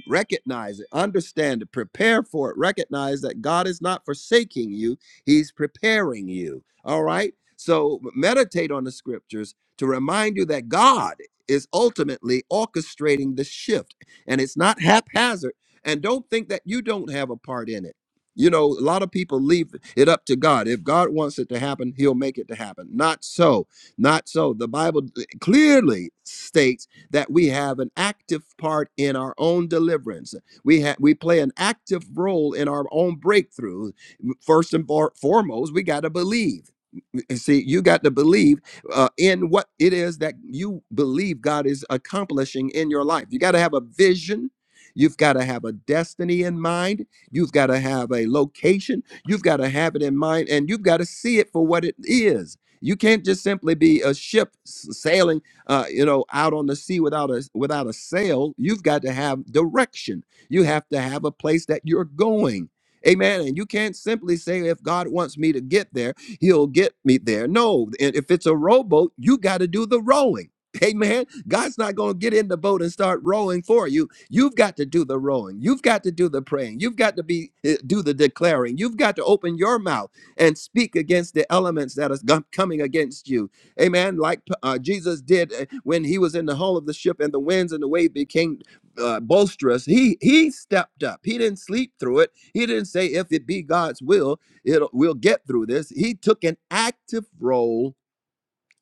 recognize it, understand it, prepare for it, recognize that God is not forsaking you, He's preparing you. All right? So meditate on the scriptures to remind you that God is ultimately orchestrating the shift and it's not haphazard. And don't think that you don't have a part in it. You know, a lot of people leave it up to God. If God wants it to happen, He'll make it to happen. Not so. Not so. The Bible eh, clearly states that we have an active part in our own deliverance. We have we play an active role in our own breakthrough. First and for- foremost, we got to believe. And see, you got to believe uh, in what it is that you believe God is accomplishing in your life. You got to have a vision. You've got to have a destiny in mind. You've got to have a location. You've got to have it in mind, and you've got to see it for what it is. You can't just simply be a ship s- sailing, uh, you know, out on the sea without a without a sail. You've got to have direction. You have to have a place that you're going. Amen. And you can't simply say, if God wants me to get there he'll get me there. No, and if it's a rowboat, you got to do the rowing. Amen. God's not going to get in the boat and start rowing for you. You've got to do the rowing. You've got to do the praying. You've got to be eh, do the declaring. You've got to open your mouth and speak against the elements that are coming against you. Amen. Like uh, Jesus did eh, when he was in the hull of the ship and the winds and the wave became uh, boisterous. He he stepped up. He didn't sleep through it. He didn't say if it be God's will. It'll, we'll get through this. He took an active role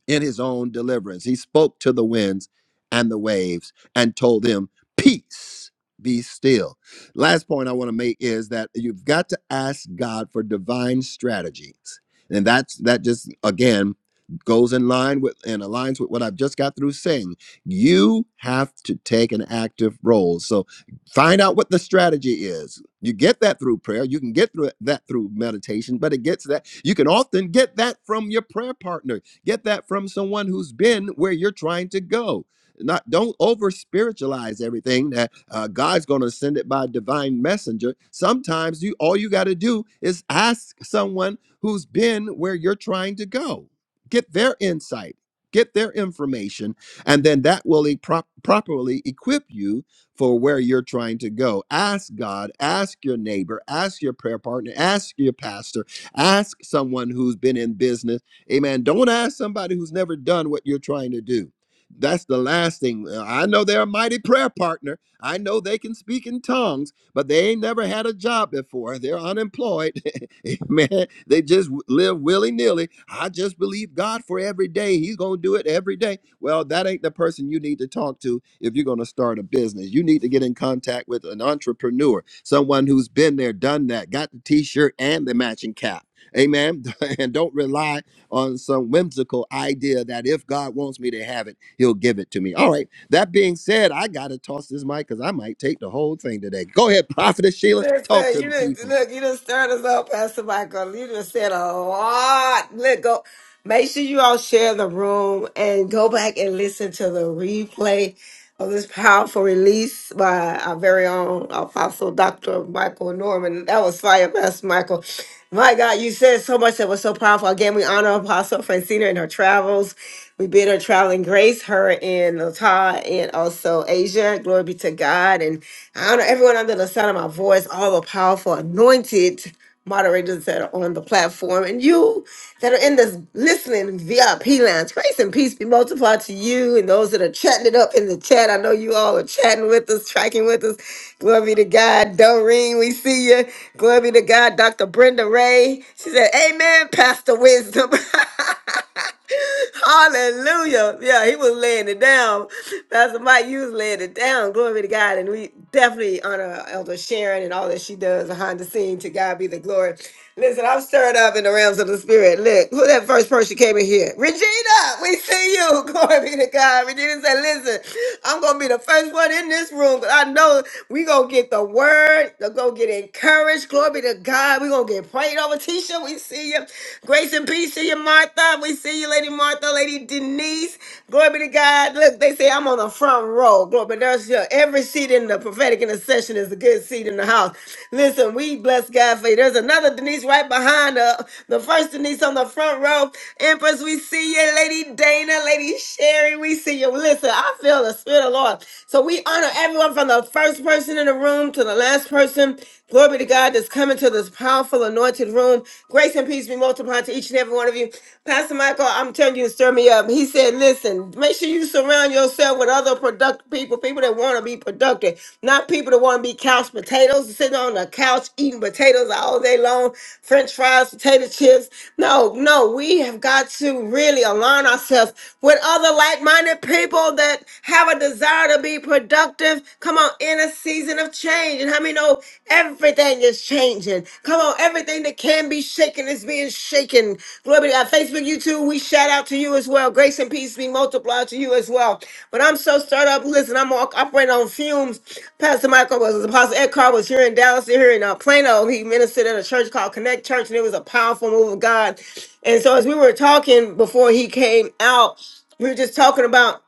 in his own deliverance. He spoke to the winds and the waves and told them, Peace, be still. Last point I want to make is that you've got to ask God for divine strategies. And that's that just again goes in line with and aligns with what I've just got through saying. You have to take an active role. So find out what the strategy is. You get that through prayer. You can get through that through meditation, but it gets that. You can often get that from your prayer partner Get that from someone who's been where you're trying to go. Not don't over spiritualize everything that uh, God's going to send it by divine messenger. Sometimes you all you got to do is ask someone who's been where you're trying to go. Get their insight, get their information, and then that will e- prop- properly equip you for where you're trying to go. Ask God, ask your neighbor, ask your prayer partner, ask your pastor, ask someone who's been in business Amen. Don't ask somebody who's never done what you're trying to do. That's the last thing. Uh, I know they're a mighty prayer partner. I know they can speak in tongues, but they ain't never had a job before. They're unemployed. Amen. They just w- live willy nilly. I just believe God for every day. He's going to do it every day. Well, that ain't the person you need to talk to if you're going to start a business. You need to get in contact with an entrepreneur, someone who's been there, done that, got the t shirt and the matching cap Amen. And don't rely on some whimsical idea that if God wants me to have it, he'll give it to me. All right. That being said, I got to toss this mic because I might take the whole thing today. Go ahead, Prophetess Sheila. Talk Listen, to you the didn't people. look, you done stirred us up, Pastor Michael. You done said a lot. Look, go make sure you all share the room and go back and listen to the replay of this powerful release by our very own apostle Dr. Michael Norman. That was fire, Pastor Michael. My God, you said so much that was so powerful. Again, we honor Apostle Francina in her travels. We bid her traveling grace, her and Lata, and also Asia. Glory be to God. And I honor everyone under the sound of my voice, all the powerful, anointed moderators that are on the platform, and you that are in this listening VIP lounge. Grace and peace be multiplied to you and those that are chatting it up in the chat. I know you all are chatting with us, tracking with us. Glory be to God. Doreen, we see you. Glory be to God. Dr. Brenda Ray, she said, Amen, Pastor Wisdom. Hallelujah. Yeah, he was laying it down. Pastor Mike, you was laying it down. Glory be to God. And we definitely honor Elder Sharon and all that she does behind the scene. To God be the glory. Listen, I'm stirred up in the realms of the spirit. Look, who that first person came in here? Regina, we see you. Glory be to God. Regina said, listen, I'm going to be the first one in this room because I know we going to get the word. They're going to get encouraged. Glory be to God. we going to get prayed over. Tisha, we see you. Grace and peace to you, Martha. We see you, Lady Martha, Lady Denise. Glory be to God. Look, they say I'm on the front row. Glory there's your, every seat in the prophetic intercession is a good seat in the house. Listen, we bless God for you. There's another Denise right behind her. The first Denise on the front row. Empress, we see you. Lady Dana, Lady Sherry, we see you. Listen, I feel the Spirit of the Lord. So we honor everyone from the first person in the room to the last person Glory be to God that's coming to this powerful anointed room. Grace and peace be multiplied to each and every one of you. Pastor Michael, I'm telling you to stir me up. He said, listen, make sure you surround yourself with other productive people, people that want to be productive, not people that want to be couch potatoes, sitting on the couch eating potatoes all day long, french fries, potato chips. No, no, we have got to really align ourselves with other like-minded people that have a desire to be productive productive. Come on, in a season of change. And how many know everything is changing? Come on, everything that can be shaken is being shaken. Glory be to God. Facebook, YouTube, we shout out to you as well. Grace and peace be multiplied to you as well. But I'm so stirred up. Listen, I'm all operating on fumes. Pastor Michael was Apostle Ed Carr was here in Dallas, here in uh, Plano. He ministered at a church called Connect Church, and it was a powerful move of God. And so as we were talking before he came out, we were just talking about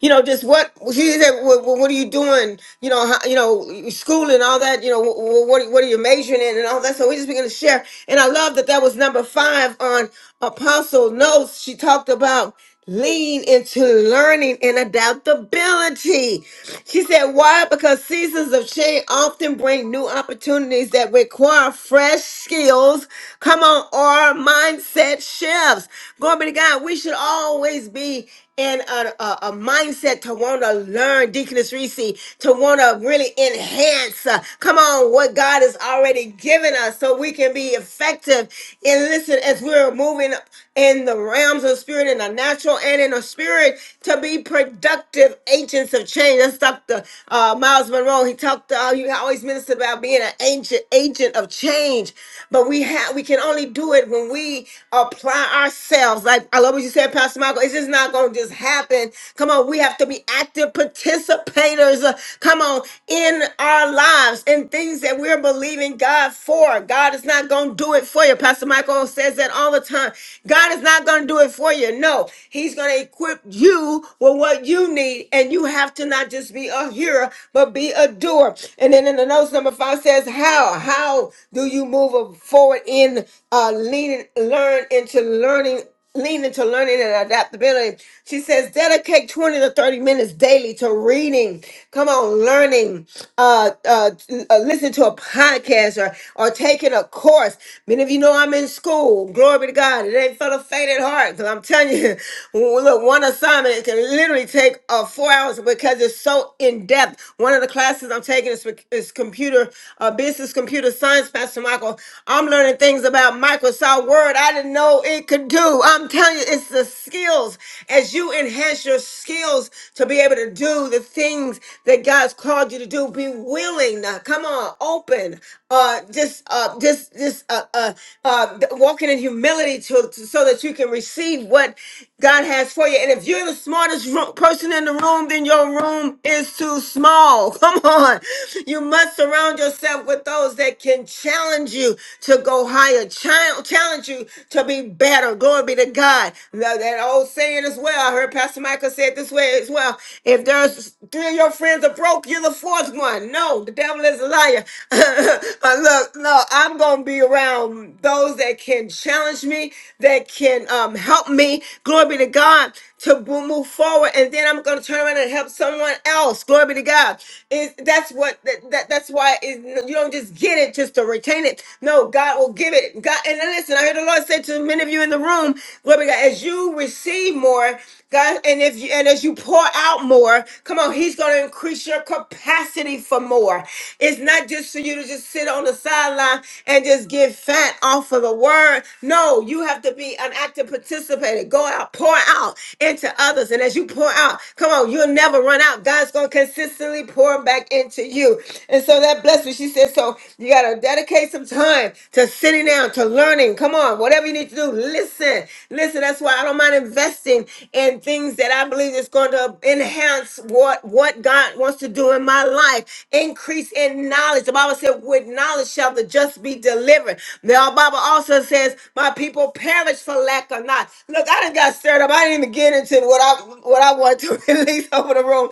you know, just what she said. What, what are you doing? You know, how, you know, school and all that. You know, what what, what are you majoring in and all that. So we just began to share, and I love that that was number five on Apostle Notes. She talked about lean into learning and adaptability. She said, why? Because seasons of change often bring new opportunities that require fresh skills. Come on, or mindset shifts. Glory be to God. We should always be in a, a, a mindset to want to learn, Deaconess Reese, to want to really enhance, uh, come on, what God has already given us so we can be effective. And listen, as we're moving in the realms of spirit, in the natural and in the spirit, encouraged to be productive agents of change. That's Dr. Uh, Miles Monroe. He talked, uh, he always ministered about being an ancient agent of change, but we have, we can only do it when we apply ourselves. Like I love what you said, Pastor Michael. It's just not going to just happen. Come on, we have to be active participators. uh, Come on, in our lives and things that we're believing God for. God is not going to do it for you. Pastor Michael says that all the time. God. God is not going to do it for you. No, He's going to equip you with what you need, and you have to not just be a hearer, but be a doer. And then in the notes, number five says, How? How do you move forward in uh, leaning, learn into learning? leaning to learning and adaptability. She says dedicate 20 to 30 minutes daily to reading. Come on, learning, uh, uh, uh listen to a podcast or, or taking a course. Many of you know I'm in school. Glory be to God. It ain't for the faint at heart. Cause I'm telling you, look, one assignment it can literally take uh, four hours because it's so in depth. One of the classes I'm taking is, is computer, uh, business computer science, Pastor Michael. I'm learning things about Microsoft Word. I didn't know it it could do. I'm telling you, it's the skills. As you enhance your skills to be able to do the things that God's called you to do, be willing. Now, Come on, open. Uh, just, uh, just, just, uh, uh, uh, walking in humility to, to- so that you can receive what God has for you. And if you're the smartest ro- person in the room, then your room is too small. Come on, you must surround yourself with those that can challenge you to go higher. Chal- Challenge you to be better. Glory be to God. Now, That old saying as well. I heard Pastor Michael say it this way as well. If there's three of your friends are broke, you're the fourth one. No, the devil is a liar. Uh, look, no, I'm gonna be around those that can challenge me, that can um, help me. Glory be to God to bo- move forward, and then I'm going to turn around and help someone else. Glory be to God. It, that's what that, that- that's why it, you don't just get it just to retain it. No, God will give it. God, and listen, I heard the Lord say to many of you in the room, glory be to God, as you receive more, God, and if you and as you pour out more, come on, He's going to increase your capacity for more. It's not just for you to just sit on the side sideline and just get fat off of the word. No, you have to be an active participator. Go out, pour out into others. And as you pour out, come on, you'll never run out. God's going to consistently pour back into you. And so that blessed me. She said, so you got to dedicate some time to sitting down, to learning. Come on, whatever you need to do, listen. Listen, that's why I don't mind investing in things that I believe family that's going to enhance what, what God wants to do in my life. Increase in knowledge. The Bible said, with knowledge shall the just be delivered. The Bible also says, my people perish for lack of knowledge. Look, I done got stirred up. I didn't even get into what I what I want to release over the room.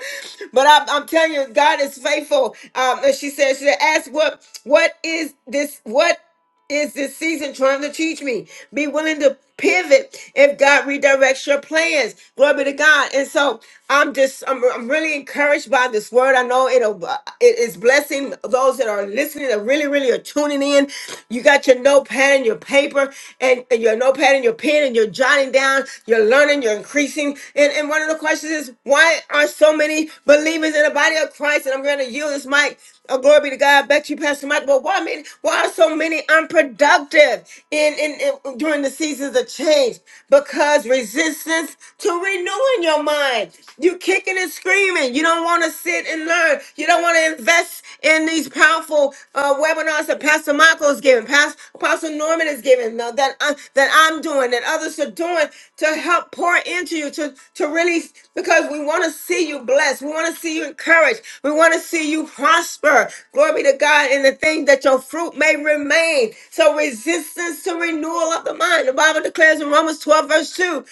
But I'm, I'm telling you, God is faithful. Um, and she said, she said, ask what what is this? What is this season trying to teach me? Be willing to pivot if God redirects your plans. Glory be to God. And so I'm just, I'm, I'm really encouraged by this word. I know it'll, uh, it is blessing those that are listening that really, really are tuning in. You got your notepad and your paper and, and your notepad and your pen and you're jotting down, you're learning, you're increasing. And, and one of the questions is, why are so many believers in the body of Christ? And I'm going to yield this mic. Oh, glory be to God. Back to you, Pastor Mike. Well, why? Why many? Why are so many unproductive in, in in- during the seasons of change? Because resistance to renewing your mind. You kicking and screaming. You don't want to sit and learn. You don't want to invest in these powerful uh, webinars that Pastor Michael is giving, Pastor Apostle Norman is giving, uh, that I, that I'm doing, that others are doing to help pour into you, to to really because we want to see you blessed. We want to see you encouraged. We want to see you prosper. Glory be to God. And the thing that your fruit may remain. So resistance to renewal of the mind. The Bible declares in Romans 12, verse 2.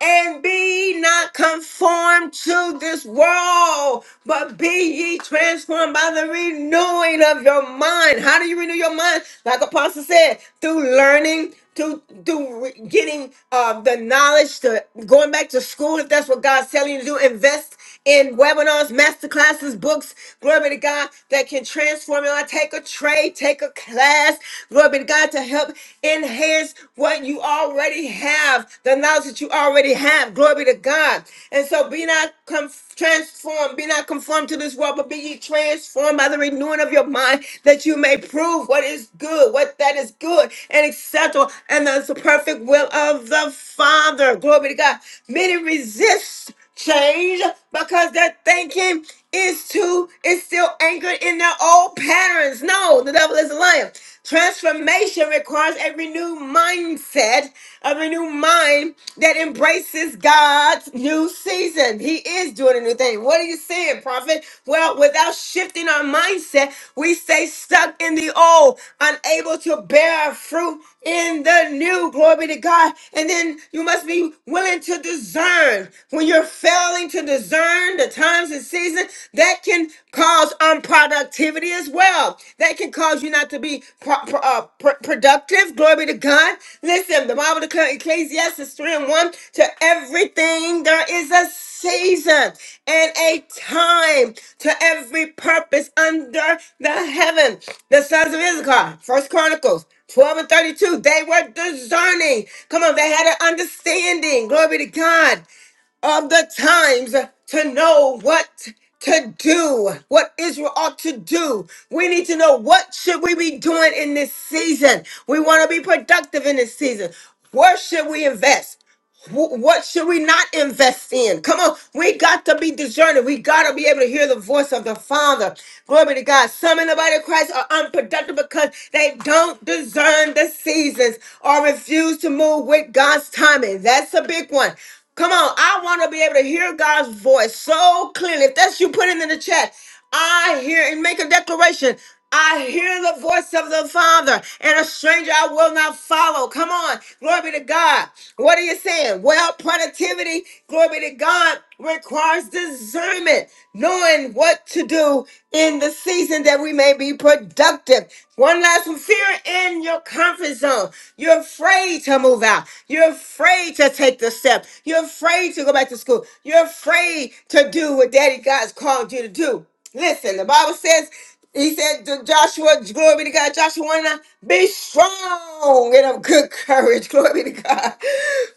And be not conformed to this world, but be ye transformed by the renewing of your mind. How do you renew your mind? Like Apostle said, through learning through through re- getting uh, the knowledge to going back to school if that's what God's telling you to do. Invest in webinars, master classes, books. Glory be to God that can transform your life. Take a trade, take a class. Glory be to God to help enhance what you already have, the knowledge that you already have. Glory be to God. And so be not conf- transformed, be not conformed to this world, but be be ye transformed by the renewing of your mind, that you may prove what is good, what that is good and acceptable, and that's the perfect will of the Father. Glory be to God. Many resist change because their thinking is too is still anchored in their old patterns. No, the devil is a liar. Transformation requires a renewed mindset, a renewed mind that embraces God's new season. He is doing a new thing. What are you saying, prophet? Well, without shifting our mindset, we stay stuck in the old, unable to bear fruit in the new. Glory be to God. And then you must be willing to discern. When you're failing to discern the times and seasons, that can cause unproductivity as well. That can cause you not to be pro- pro- uh, pr- productive. Glory be to God. Listen, the Bible declares Ecclesiastes 3 and 1 to everything there is a season and a time to every purpose under the heaven. The sons of Issachar, First Chronicles. 12 and 32, they were discerning. Come on, they had an understanding. Glory to God of the times to know what to do, what Israel ought to do. We need to know what should we be doing in this season. We want to be productive in this season. Where should we invest? Wh- What should we not invest in? Come on, we got to be discerning. We got to be able to hear the voice of the Father. Glory to God. Some in the body of Christ are unproductive because they don't discern the seasons or refuse to move with God's timing. That's a big one. Come on, I want to be able to hear God's voice so clearly. If that's you, put it in the chat. I hear and make a declaration. I hear the voice of the Father, and a stranger I will not follow. Come on, glory be to God. What are you saying? Well, productivity, glory be to God, requires discernment, knowing what to do in the season that we may be productive. One last one fear in your comfort zone. You're afraid to move out, you're afraid to take the step, you're afraid to go back to school, you're afraid to do what Daddy God's called you to do. Listen, the Bible says, he said to Joshua, glory be to God, Joshua 1 and 9, be strong and of good courage, glory be to God.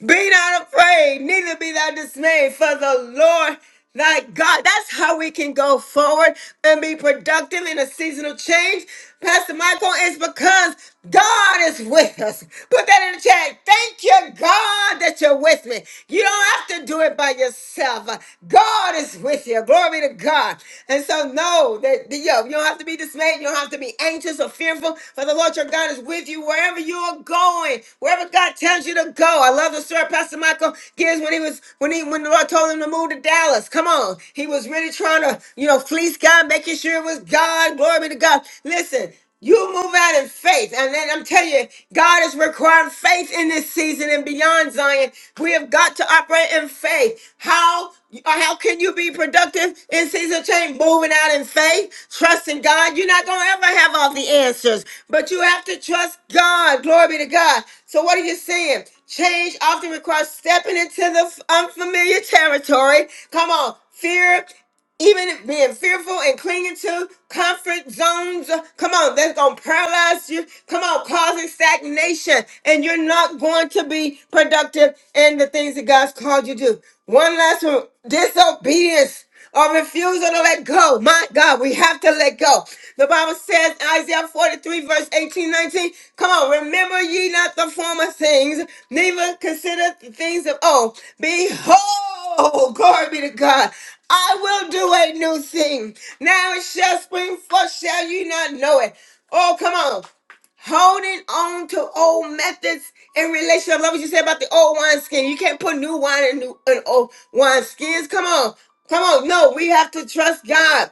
Be not afraid, neither be thou dismayed, for the Lord thy God. That's how we can go forward and be productive in a season of change. Pastor Michael, is because God is with us. Put that in the chat. Thank you, God, that you're with me. You don't have to do it by yourself. God is with you. Glory be to God. And so know that that, yo, you don't have to be dismayed. You don't have to be anxious or fearful. For the Lord your God is with you wherever you are going, wherever God tells you to go. I love the story Pastor Michael gives when he was when he when the Lord told him to move to Dallas. Come on. He was really trying to, you know, fleece God, making sure sure it was God. Glory be to God. Listen, you move out in faith. And then I'm telling you, God is requiring faith in this season and beyond Zion. We have got to operate in faith. How how can you be productive in season change? Moving out in faith, trusting God. You're not gonna ever have all the answers, but you have to trust God. Glory be to God. So what are you saying? Change often requires stepping into the unfamiliar territory. Come on, fear even being fearful and clinging to comfort zones. Come on, that's going to paralyze you. Come on, causing stagnation. And you're not going to be productive in the things that God's called you to do. One last one disobedience or refusal to let go. My God, we have to let go. The Bible says, Isaiah 43, verse 18, 19, come on, remember ye not the former things, neither consider the things of old. Behold, Oh, glory be to God. I will do a new thing. Now it shall spring forth, shall you not know it? Oh, come on. Holding on to old methods in relation. I love what you said about the old wineskin. You can't put new wine in new in old wineskins. Come on. Come on. No, we have to trust God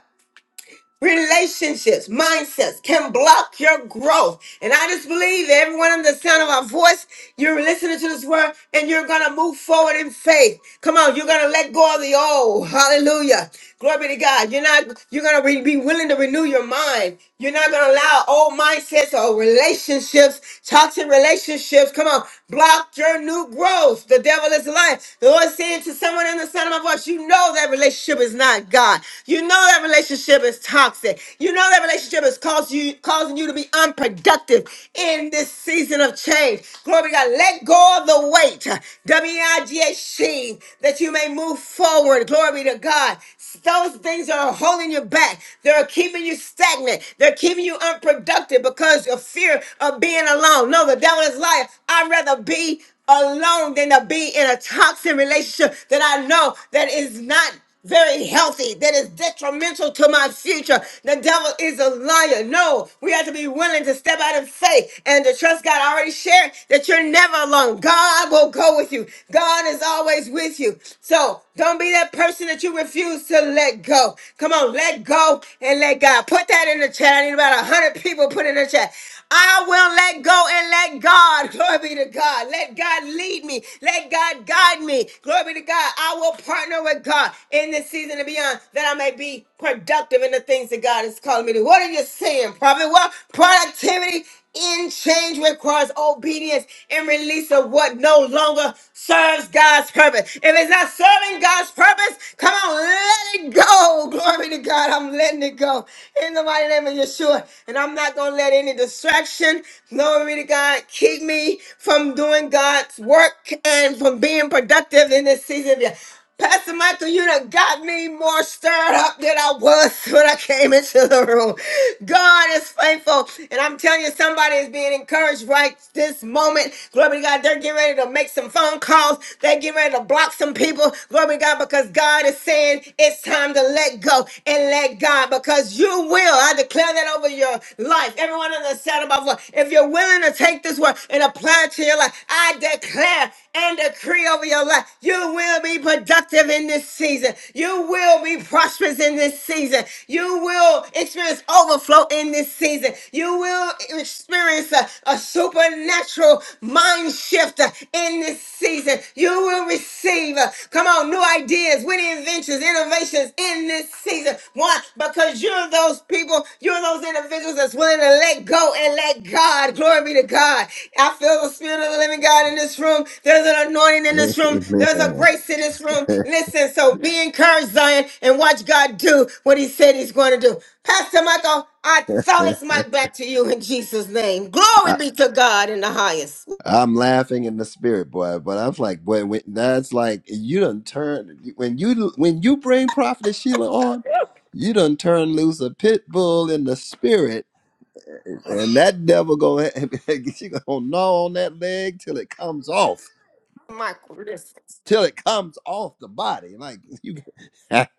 relationships, mindsets can block your growth. And I just believe that everyone in the sound of my voice, you're listening to this word and you're going to move forward in faith. Come on, you're going to let go of the old. Hallelujah. Glory be to God. You're not, you're going to re- be willing to renew your mind. You're not going to allow old mindsets or relationships, toxic relationships. Come on, block your new growth. The devil is lying. The Lord is saying to someone in the sound of my voice, you know know that relationship is not God. You know that relationship is toxic. You know that relationship is causing you, causing you to be unproductive in this season of change. Glory to God. Let go of the weight, W I G H T, that you may move forward. Glory to God. Those things that are holding you back. They're keeping you stagnant. They're keeping you unproductive because of fear of being alone. No, the devil is lying. I'd rather be alone than to be in a toxic relationship that I know that is not very healthy, that is detrimental to my future. The devil is a liar. No, we have to be willing to step out in faith and to trust God. I already shared that you're never alone. God will go with you. God is always with you. So don't be that person that you refuse to let go. Come on, let go and let God. Put that in the chat. I need about 100 people put in the chat. I will let go and let God. Glory be to God. Let God lead me. Let God guide me. Glory be to God. I will partner with God in this season and beyond that I may be productive in the things that God is calling me to. What are you saying, prophet? Well, productivity in change requires obedience and release of what no longer serves God's purpose. If it's not serving God's purpose, come on, let it go. Glory to God. I'm letting it go in the mighty name of Yeshua. And I'm not going to let any distraction, glory to God, keep me from doing God's work and from being productive in this season. Pastor Michael, you done got me more stirred up than I was when I came into the room. God is faithful. And I'm telling you, somebody is being encouraged right this moment. Glory to God. They're getting ready to make some phone calls. They're getting ready to block some people. Glory to God, because God is saying, season, it's time to let go and let God because you will. I declare that over your life. Everyone in the sound of my voice, if you're willing to take this word and apply it to your life, I declare and decree over your life, you will be productive in this season. You will be prosperous in this season. You will experience overflow in this season. You will experience a, a supernatural mind shift in this season. You will receive. uh, Come on, new ideas, winning inventions, innovations in this season. Why? Because you're those people, you're those individuals that's willing to let go and let God. Glory be to God. I feel the spirit of the living God in this room. There's an anointing in this room. There's a Amen. grace in this room. Listen, so be encouraged, Zion, and watch God do what He said He's going to do. Pastor Michael, I throw this mic back to you in Jesus' name. I, Glory be to God in the highest. I'm laughing in the spirit, boy. But I was like, boy, when, that's like you done turn when you when you bring Prophetess Sheila on, you done turn loose a pit bull in the spirit And that devil go she gonna gnaw on that leg till it comes off, Michael, listen. till it comes off the body. Like you,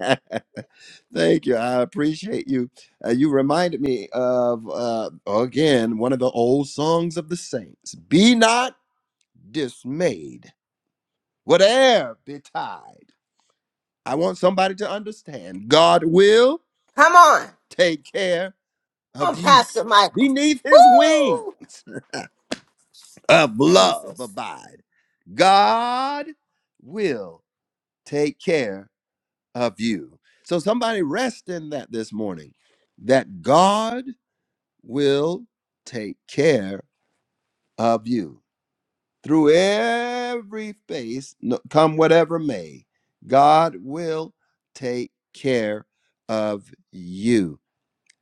thank you, I appreciate you. Uh, you reminded me of uh, again one of the old songs of the saints. Be not dismayed, whate'er betide. I want somebody to understand. God will Come on. take care Come of on, you. Pastor Michael. Beneath His Woo! wings of love Jesus. abide. God will take care of you. So somebody rest in that this morning that God will take care of you. Through every face, no- come whatever may, God will take care of you.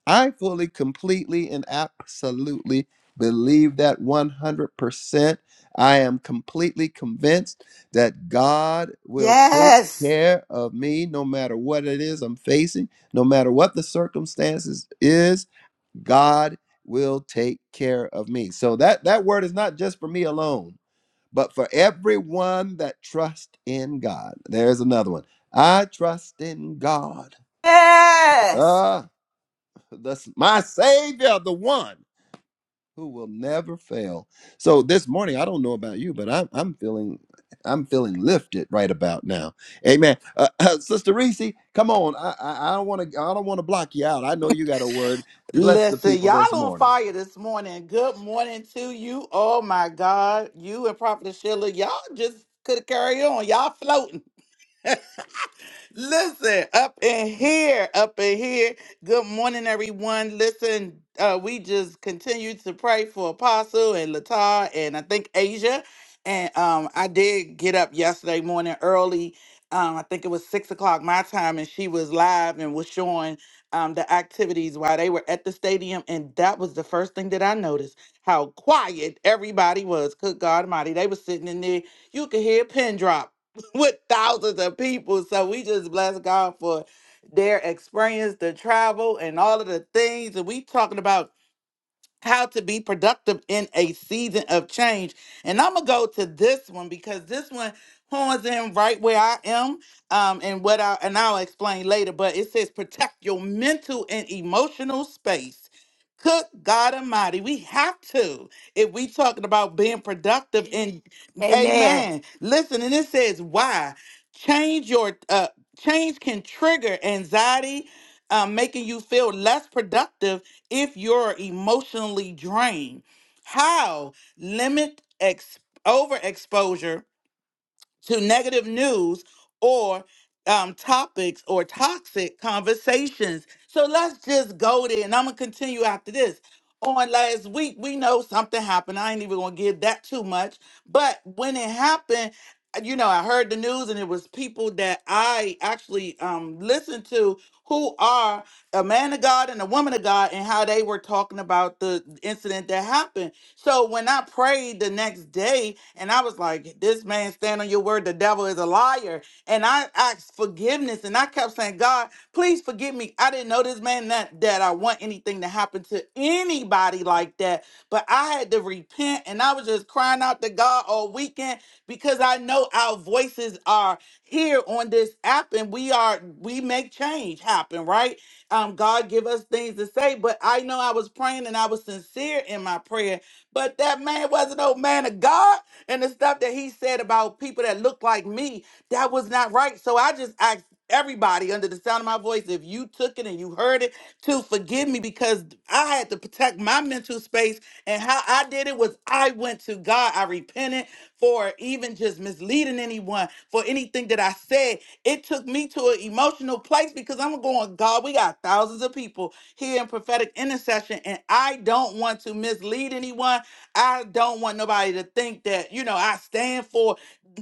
I fully, completely, and absolutely believe that 100%. I am completely convinced that God will take Yes. care of me no matter what it is I'm facing, no matter what the circumstances is, God will take care of me. So that that word is not just for me alone, but for everyone that trusts in God. There's another one. I trust in God. Yes. Ah. That's my Savior, the one who will never fail. So this morning, I don't know about you, but I'm I'm feeling I'm feeling lifted right about now. Amen. Uh, uh, Sister Reese, come on. I I, I don't want to I don't want to block you out. I know you got a word. Bless the Listen, people y'all this on morning. fire this morning. Good morning to you. Oh my God. You and Prophet Sheila, y'all just could carry on. Y'all floating. Listen, up in here, up in here. Good morning, everyone. Listen, uh, we just continue to pray for Apostle and Latar and I think Asia. And um, I did get up yesterday morning early. Um, I think it was six o'clock my time, and she was live and was showing um, the activities while they were at the stadium. And that was the first thing that I noticed how quiet everybody was. Good God Almighty. They were sitting in there. You could hear a pin drop with thousands of people. So we just bless God for their experience, the travel, and all of the things. And we talking about how to be productive in a season of change. And I'm gonna go to this one because this one horns in right where I am, um, and what I and I'll explain later. But it says protect your mental and emotional space. Cook God Almighty, we have to if we talking about being productive. And Amen. Amen. Listen, and it says why change your uh, change can trigger anxiety, um, making you feel less productive if you're emotionally drained. How? Limit ex- overexposure to negative news or um, topics or toxic conversations. So let's just go there. And I'm going to continue after this. On last week, we know something happened. I ain't even going to give that too much. But when it happened, uh, you know, I heard the news and it was people that I actually um, listened to who are a man of God and a woman of God and how they were talking about the incident that happened. So when I prayed the next day and I was like, this man stand on your word, the devil is a liar. And I asked forgiveness and I kept saying, God, please forgive me. I didn't know this man that, that I want anything to happen to anybody like that. But I had to repent and I was just crying out to God all weekend because I know our voices are here on this app and we are we make change happen, right? Um, God give us things to say, but I know I was praying and I was sincere in my prayer but that man was an old man of God. And the stuff that he said about people that looked like me, that was not right. So I just asked everybody under the sound of my voice, if you took it and you heard it, to forgive me because I had to protect my mental space. And how I did it was I went to God. I repented for even just misleading anyone for anything that I said. It took me to an emotional place because I'm going, God, we got thousands of people here in prophetic intercession. And I don't want to mislead anyone. I don't want nobody to think that, you know, I stand for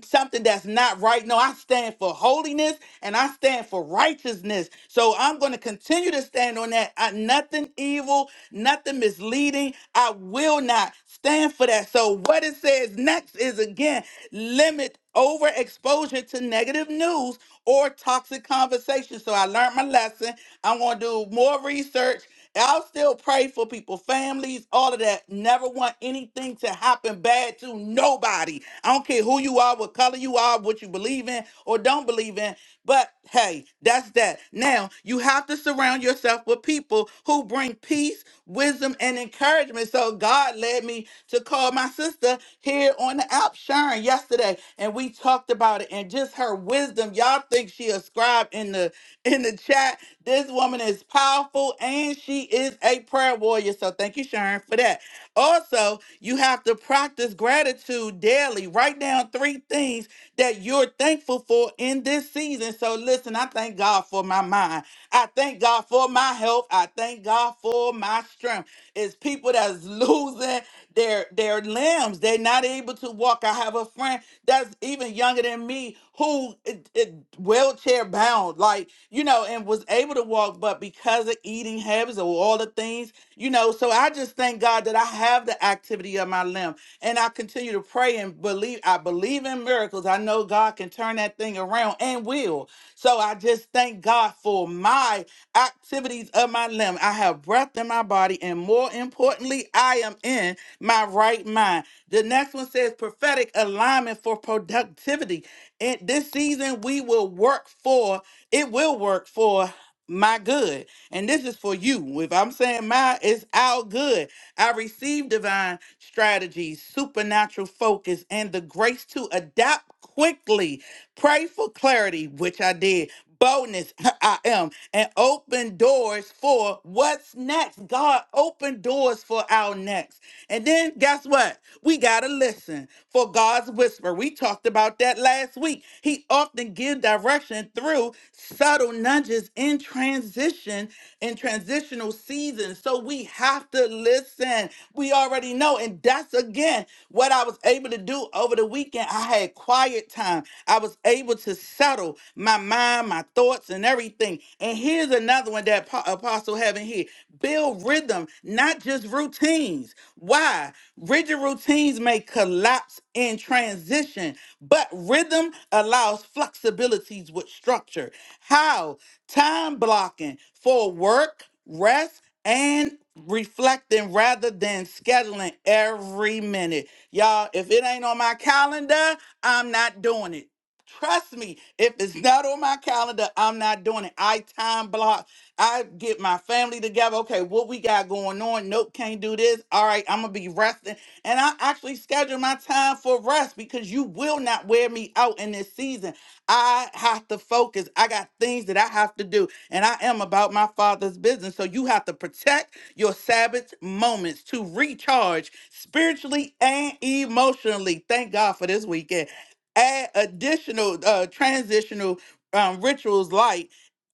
something that's not right. No, I stand for holiness and I stand for righteousness. So I'm going to continue to stand on that. I, nothing evil, nothing misleading. I will not stand for that. So what? what it says next is again limit overexposure to negative news or toxic conversations. So I learned my lesson. I'm going to do more research. I'll still pray for people, families, all of that. Never want anything to happen bad to nobody. I don't care who you are, what color you are, what you believe in or don't believe in. But hey, that's that. Now, you have to surround yourself with people who bring peace, wisdom, and encouragement. So, God led me to call my sister here on the app, Sharon, yesterday, and we talked about it and just her wisdom. Y'all think she ascribed in the in the chat. This woman is powerful and she is a prayer warrior. So, thank you, Sharon, for that. Also, you have to practice gratitude daily. Write down three things that you're thankful for in this season. So listen, I thank God for my mind. I thank God for my health. I thank God for my strength. It's people that's losing their their limbs. They're not able to walk. I have a friend that's even younger than me who it, it wheelchair bound, like you know, and was able to walk, but because of eating habits or all the things, you know. So I just thank God that I have the activity of my limb. And I continue to pray and believe. I believe in miracles. I know God can turn that thing around and will. So I just thank God for my activities of my limb. I have breath in my body. And more importantly, I am in my right mind. The next one says prophetic alignment for productivity. And this season, we will work for, it will work for my good. And this is for you. If I'm saying my, it's our good. I receive divine strategies, supernatural focus, and the grace to adapt quickly. Pray for clarity, which I did. Boldness, I am, and open doors for what's next. God, open doors for our next. And then guess what? We got to listen for God's whisper. We talked about that last week. He often gives direction through subtle nudges in transition, in transitional seasons. So we have to listen. We already know. And that's again what I was able to do over the weekend. I had quiet time. I was able to settle my mind, my thoughts, and everything. And here's another one that Apo- Apostle Heaven here build rhythm, not just routines. Why? Rigid routines may collapse in transition, but rhythm allows flexibilities with structure. How? Time blocking for work, rest, and reflecting rather than scheduling every minute. Y'all, if it ain't on my calendar, I'm not doing it. Trust me, if it's not on my calendar, I'm not doing it. I time block I get my family together. Okay, what we got going on? Nope, can't do this. All right, I'm gonna be resting. And I actually schedule my time for rest because you will not wear me out in this season. I have to focus. I got things that I have to do, and I am about my father's business. So you have to protect your Sabbath moments to recharge spiritually and emotionally. Thank God for this weekend. Add additional uh, transitional um, rituals like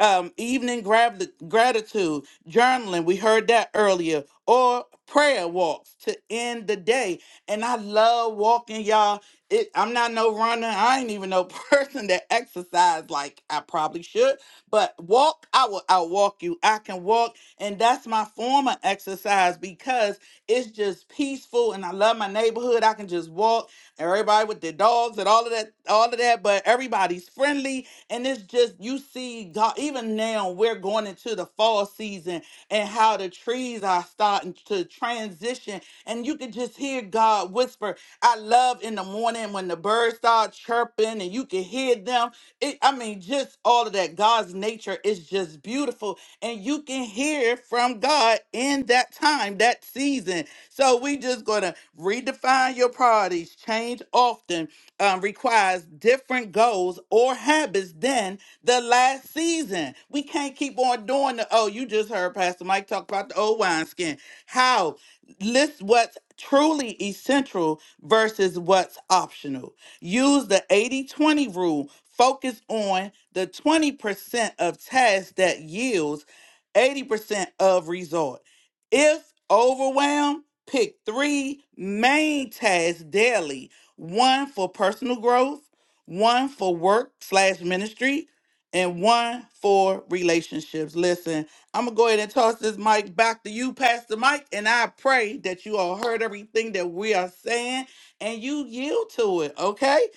um, evening grab- gratitude, journaling, we heard that earlier, or prayer walks to end the day. And I love walking, y'all. It, I'm not no runner. I ain't even no person that exercise like I probably should. But walk, I will outwalk you. I can walk, and that's my form of exercise because it's just peaceful, and I love my neighborhood. I can just walk. Everybody with their dogs and all of that, all of that. But everybody's friendly and it's just, you see, God, even now we're going into the fall season and how the trees are starting to transition. And you can just hear God whisper. I love in the morning when the birds start chirping and you can hear them. It, I mean, just all of that. God's nature is just beautiful. And you can hear from God in that time, that season. So we just going to redefine your priorities, change often um, requires different goals or habits than the last season. We can't keep on doing the, oh, you just heard Pastor Mike talk about the old wineskin. How? List what's truly essential versus what's optional. Use the 80 20 rule. Focus on the 20% of tasks that yields 80% of result. If overwhelmed, pick three main tasks daily one for personal growth, one for work slash ministry, and one for relationships. Listen, I'm gonna go ahead and toss this mic back to you, Pastor Mike, and I pray that you all heard everything that we are saying and you yield to it. Okay,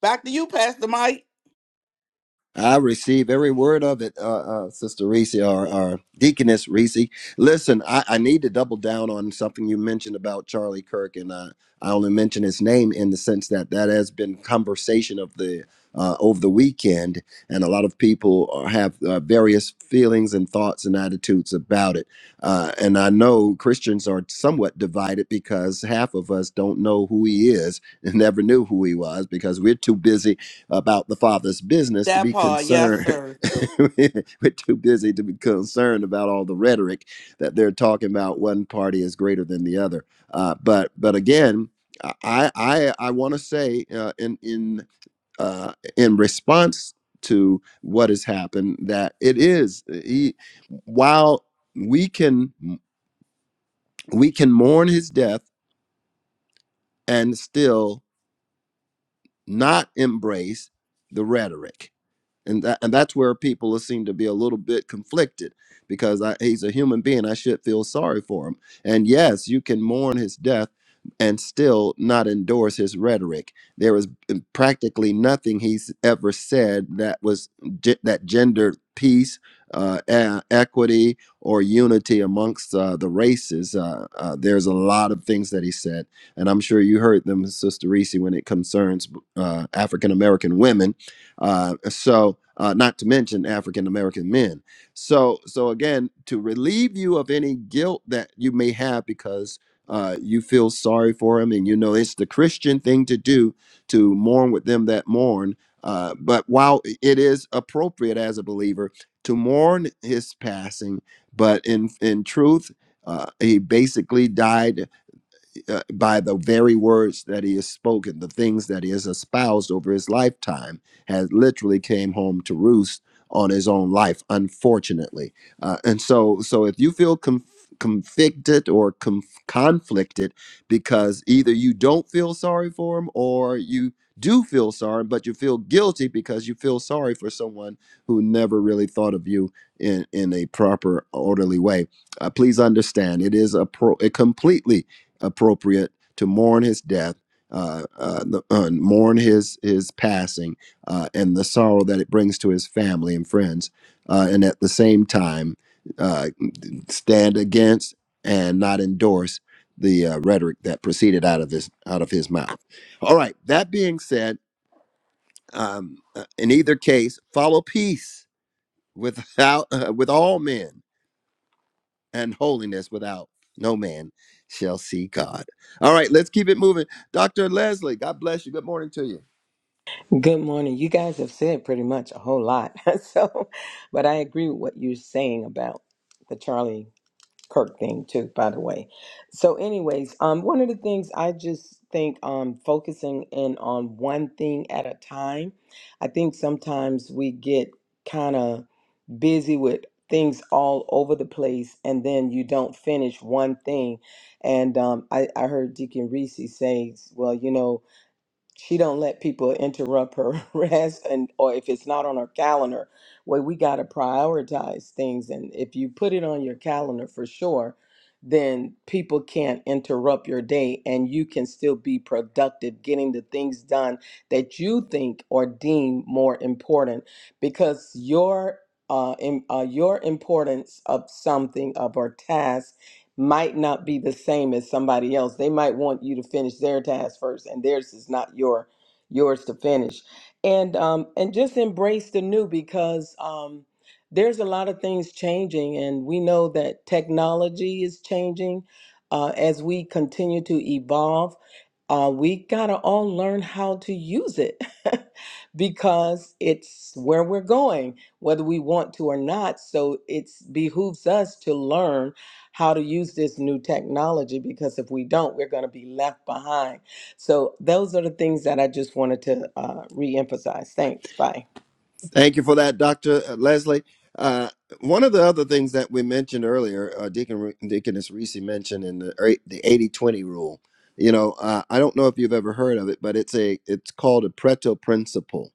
back to you, Pastor Mike. I receive every word of it, uh, uh, Sister Reese or, or Deaconess Reese. Listen, I, I need to double down on something you mentioned about Charlie Kirk, and uh, I only mention his name in the sense that that has been conversation of the uh, over the weekend, and a lot of lot of people are, have uh, various feelings and thoughts and attitudes about it. Uh, and I know Christians are somewhat divided because half of us don't know who he is and never knew who he was because we're too busy about the Father's business to That be part, yes, concerned. sir. we're too busy to be concerned about all the rhetoric that they're talking about. One party is greater than the other. Uh, but but again, I I I want to say uh, in in uh, in response to what has happened that it is uh, he, while we can we can mourn his death and still not embrace the rhetoric and that, and that's where people seem to be a little bit conflicted because I, he's a human being. I should feel sorry for him. And yes, you can mourn his death and still not endorse his rhetoric. There is mm, practically nothing he's ever said that was ge- that gendered peace, uh, e- equity, or unity amongst uh, the races. Uh, uh, there's a lot of things that he said, and I'm sure you heard them, Sister Reese, when it concerns uh, African American women uh, so, uh, not to mention African American men. So, so again, to relieve you of any guilt that you may have because uh, you feel sorry for him, and you know it's the Christian thing to do to mourn with them that mourn. Uh, but while it is appropriate as a believer to mourn his passing, but in in truth, uh, he basically died uh, by the very words that he has spoken, the things that he has espoused over his lifetime, has literally came home to roost on his own life, unfortunately. Uh, and so, so if you feel conf- convicted or conf- conflicted because either you don't feel sorry for him or you do feel sorry, but you feel guilty because you feel sorry for someone who never really thought of you in in a proper, orderly way. Uh, please understand, it is a pro, a completely appropriate to mourn his death, uh, uh, the, uh, mourn his his passing, uh, and the sorrow that it brings to his family and friends, uh, and at the same time uh, stand against and not endorse the uh, rhetoric that proceeded out of his out of his mouth. All right. That being said, um, uh, in either case, follow peace without uh, with all men and holiness without no man shall see God. All right, let's keep it moving. Dr. Leslie, God bless you. Good morning to you. Good morning. You guys have said pretty much a whole lot. So, but I agree with what you're saying about the Charlie Kirk thing too, by the way. So anyways, um one of the things I just think um focusing in on one thing at a time. I think sometimes we get kind of busy with things all over the place and then you don't finish one thing. And um I I heard Deacon Reese say, well, you know, she don't let people interrupt her rest and or if it's not on her calendar well we got to prioritize things and if you put it on your calendar for sure then people can't interrupt your day and you can still be productive getting the things done that you think or deem more important because your uh, im- uh your importance of something of our task might not be the same as somebody else. They might want you to finish their task first, and theirs is not your yours to finish. And um, and just embrace the new because um, there's a lot of things changing, and we know that technology is changing uh, as we continue to evolve uh, we got to all learn how to use it because it's where we're going, whether we want to or not. So it behooves us to learn how to use this new technology because if we don't, we're going to be left behind. So those are the things that I just wanted to uh, reemphasize. Thanks. Bye. Thank you for that, Dr. Leslie. Uh, one of the other things that we mentioned earlier, uh, Deacon Re- Deaconess Reese mentioned in the eight- the eighty twenty rule. You know, uh, I don't know if you've ever heard of it, but it's a it's called a Pareto principle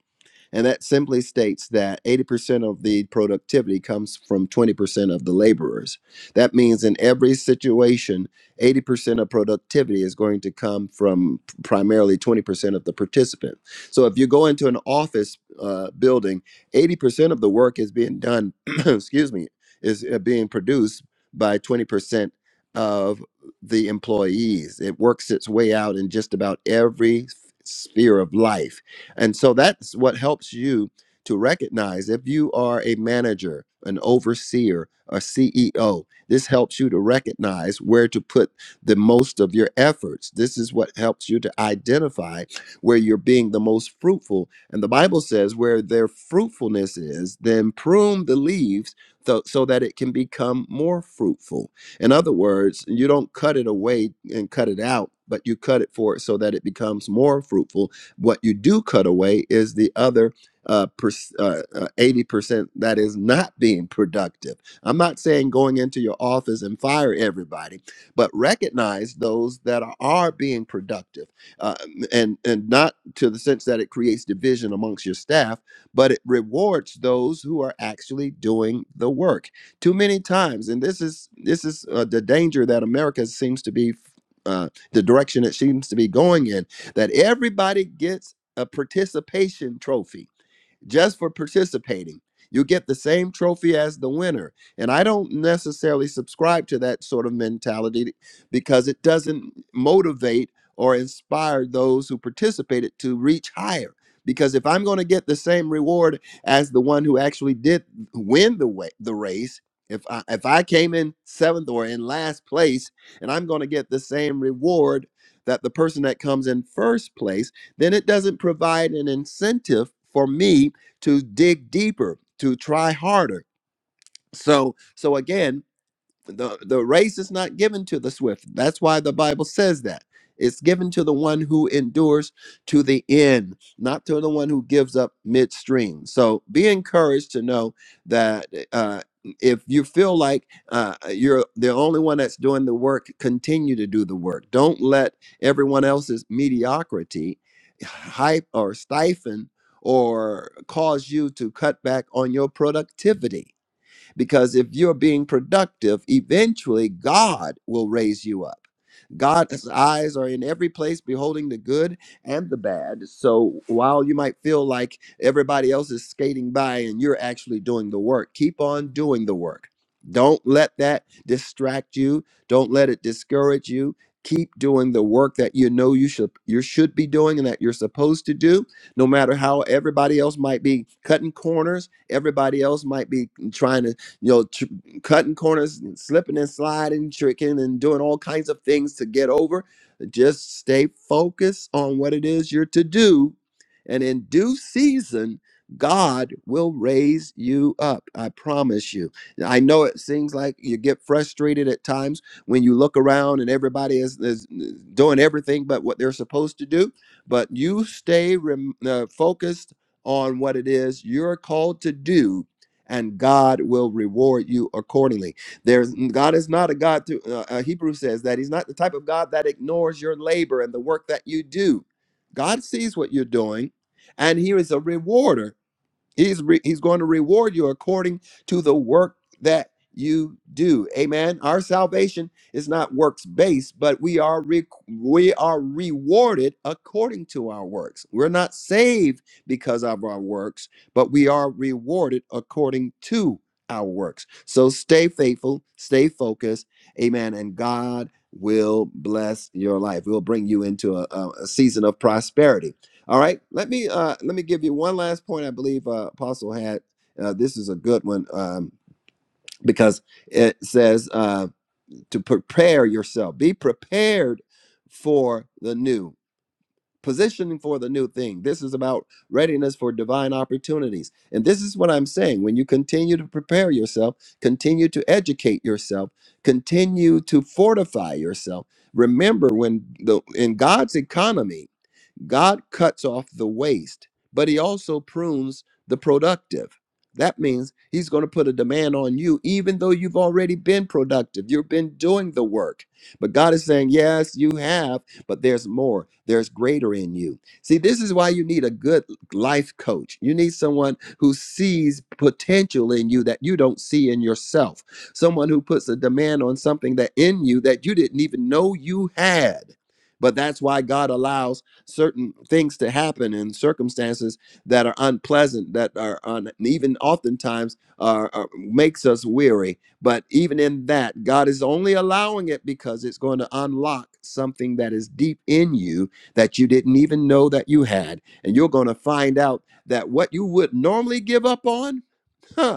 And that simply states that 80% of the productivity comes from 20% of the laborers. That means in every situation, 80% of productivity is going to come from primarily 20% of the participant. So if you go into an office uh, building, 80% of the work is being done, excuse me, is uh, being produced by 20% of the employees. It works its way out in just about every sphere of life and so that's what helps you to recognize if you are a manager, an overseer, a CEO, this helps you to recognize where to put the most of your efforts. This is what helps you to identify where you're being the most fruitful. And the Bible says, where their fruitfulness is, then prune the leaves tho- so that it can become more fruitful. In other words, you don't cut it away and cut it out, but you cut it for it so that it becomes more fruitful what you do cut away is the other uh, per, uh, uh, 80% that is not being productive. I'm not saying going into your office and fire everybody, but recognize those that are, are being productive uh, and, and not to the sense that it creates division amongst your staff, but it rewards those who are actually doing the work. Too many times, and this is this is uh, the danger that America seems to be, uh, the direction it seems to be going in that everybody gets a participation trophy just for participating. You get the same trophy as the winner. And I don't necessarily subscribe to that sort of mentality because it doesn't motivate or inspire those who participated to reach higher. Because if I'm going to get the same reward as the one who actually did win the way, the race, if I, if I came in seventh or in last place and I'm going to get the same reward that the person that comes in first place, then it doesn't provide an incentive for me to dig deeper, to try harder. So, so again, the the race is not given to the swift that's why the bible says that it's given to the one who endures to the end not to the one who gives up midstream so be encouraged to know that uh if you feel like uh, you're the only one that's doing the work, continue to do the work. Don't let everyone else's mediocrity hype or stifle or cause you to cut back on your productivity because if you're being productive, eventually God will raise you up. God's eyes are in every place, beholding the good and the bad. So while you might feel like everybody else is skating by and you're actually doing the work, keep on doing the work. Don't let that distract you. Don't let it discourage you. Keep doing the work that you know you should you should be doing and that you're supposed to do, no matter how everybody else might be cutting corners, everybody else might be trying to you know, tr- cutting corners, slipping and sliding, tricking and doing all kinds of things to get over. Just stay focused on what it is you're to do. And in due season, God will raise you up. I promise you. I know it seems like you get frustrated at times when you look around and everybody is, is doing everything but what they're supposed to do. But you stay rem- uh, focused on what it is you're called to do and God will reward you accordingly. There's God is not a God to uh, uh, Hebrew says that he's not the type of God that ignores your labor and the work that you do. God sees what you're doing and he is a rewarder He's re- he's going to reward you according to the work that you do. Amen. Our salvation is not works based, but we are re- we are rewarded according to our works. We're not saved because of our works, but we are rewarded according to our works. So stay faithful, stay focused. Amen. And God will bless your life. We'll bring you into a, a a season of prosperity all right, let me uh, let me give you one last point. I believe uh, Apostle had uh, this is a good one um, because it says uh, to prepare yourself, be prepared for the new, positioning for the new thing. This is about readiness for divine opportunities, and this is what I'm saying. When you continue to prepare yourself, continue to educate yourself, continue to fortify yourself. Remember, when the in God's economy. God cuts off the waste, but he also prunes the productive. That means he's going to put a demand on you, even though you've already been productive. You've been doing the work. But God is saying, Yes, you have, but there's more. There's greater in you. See, this is why you need a good life coach. You need someone who sees potential in you that you don't see in yourself, someone who puts a demand on something that in you that you didn't even know you had. But that's why God allows certain things to happen and circumstances that are unpleasant that are un, even oftentimes are, are- makes us weary but even in that god is only allowing it because it's going to unlock something that is deep in you that you didn't even know that you had and you're going to find out that what you would normally give up on huh?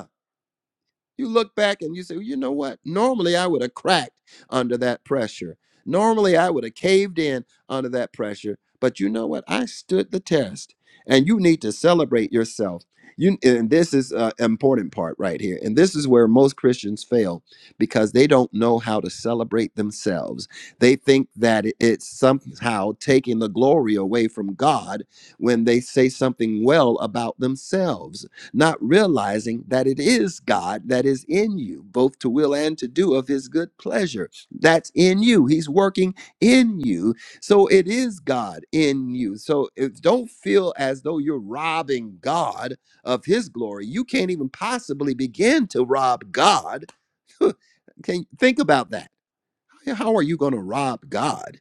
You look back and you say, well, you know what? Normally I would have cracked under that pressure. Normally I would have caved in under that pressure. But you know what? I stood the test. And you need to celebrate yourself. You and this is an important part right here. And this is where most Christians fail because they don't know how to celebrate themselves. They think that it- it's somehow taking the glory away from God when they say something well about themselves not realizing that it is God that is in you, both to will and to do of his good pleasure. That's in you. He's working in you. So it is God in you. So if, don't feel as though you're robbing God of his glory. You can't even possibly begin to rob God. Can think about that. How are you going to rob God?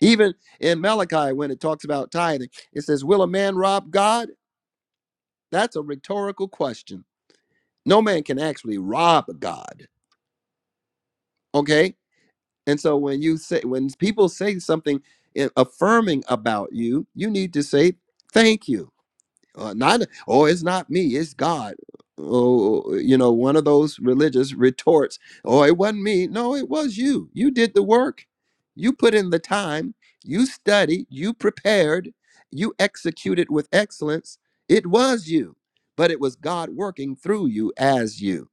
Even in Malachi, when it talks about tithing, it says, Will a man rob God? That's a rhetorical question No man can actually rob God. Okay? And so when you say when people say something i- affirming about you, you need to say thank you. Uh, not oh, it's not me, it's God. Oh, you know, one of those religious retorts. Oh, it wasn't me. No, it was you. You did the work. You put in the time. You studied. You prepared. You executed with excellence. It was you, but it was God working through you as you.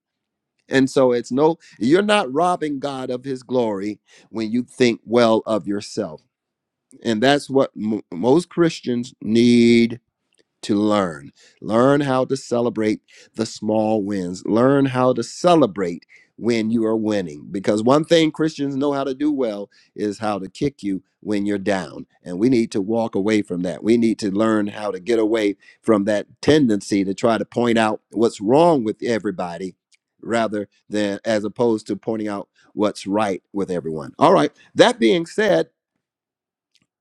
And so it's no, you're not robbing God of his glory when you think well of yourself. And that's what m- most Christians need to learn. Learn how to celebrate the small wins. Learn how to celebrate when you are winning. Because one thing Christians know how to do well is how to kick you when you're down. And we need to walk away from that. We need to learn how to get away from that tendency to try to point out what's wrong with everybody rather than as opposed to pointing out what's right with everyone. All right. That being said,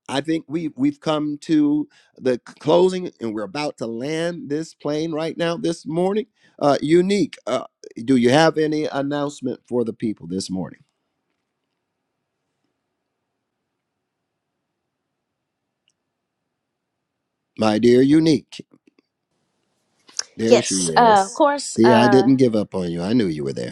I think we we've come to the c- closing, and we're about to land this plane right now this morning. Uh, unique, uh, do you have any announcement for the people this morning, my dear Unique? There she Yes, uh, of is. course. See, I Uh, didn't give up on you. I knew you were there.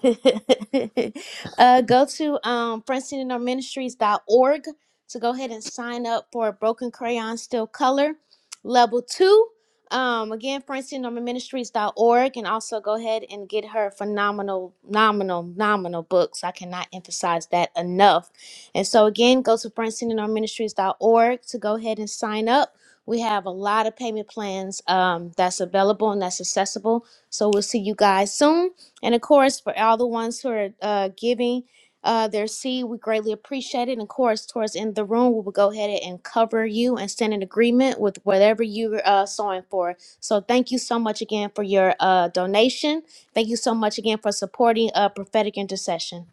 uh, go to um, Princeton Inner Ministries dot org to go ahead and sign up for Broken Crayon Still Color Level 2. Um, again, Princeton Inner Ministries dot org, and also go ahead and get her phenomenal, nominal, nominal books. I cannot emphasize that enough. And so, again, go to Princeton Inner Ministries dot org to go ahead and sign up. We have a lot of payment plans um, that's available and that's accessible. So, we'll see you guys soon. And of course, for all the ones who are uh, giving uh, their seed, we greatly appreciate it. And of course, towards the end of the room, we will go ahead and cover you and stand in agreement with whatever you're uh, sowing for. So thank you so much again for your uh, donation. Thank you so much again for supporting uh, prophetic intercession.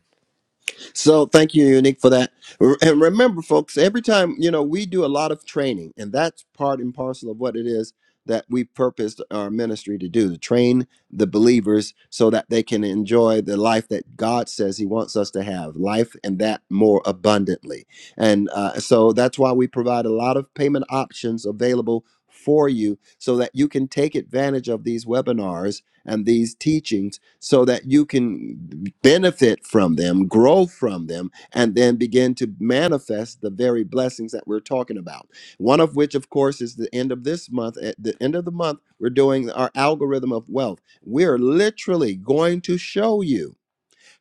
So thank you, Unique, for that. R- And remember, folks, every time, you know, we do a lot of training, and that's part and parcel of what it is that we purposed our ministry to do to train the believers so that they can enjoy the life that God says He wants us to have, life and that more abundantly. And uh, so that's why we provide a lot of payment options available for you so that you can take advantage of these webinars and these teachings so that you can benefit from them, grow from them, and then begin to manifest the very blessings that we're talking about. One of which, of course, is the end of this month. At the end of the month, we're doing our algorithm of wealth. We're literally going to show you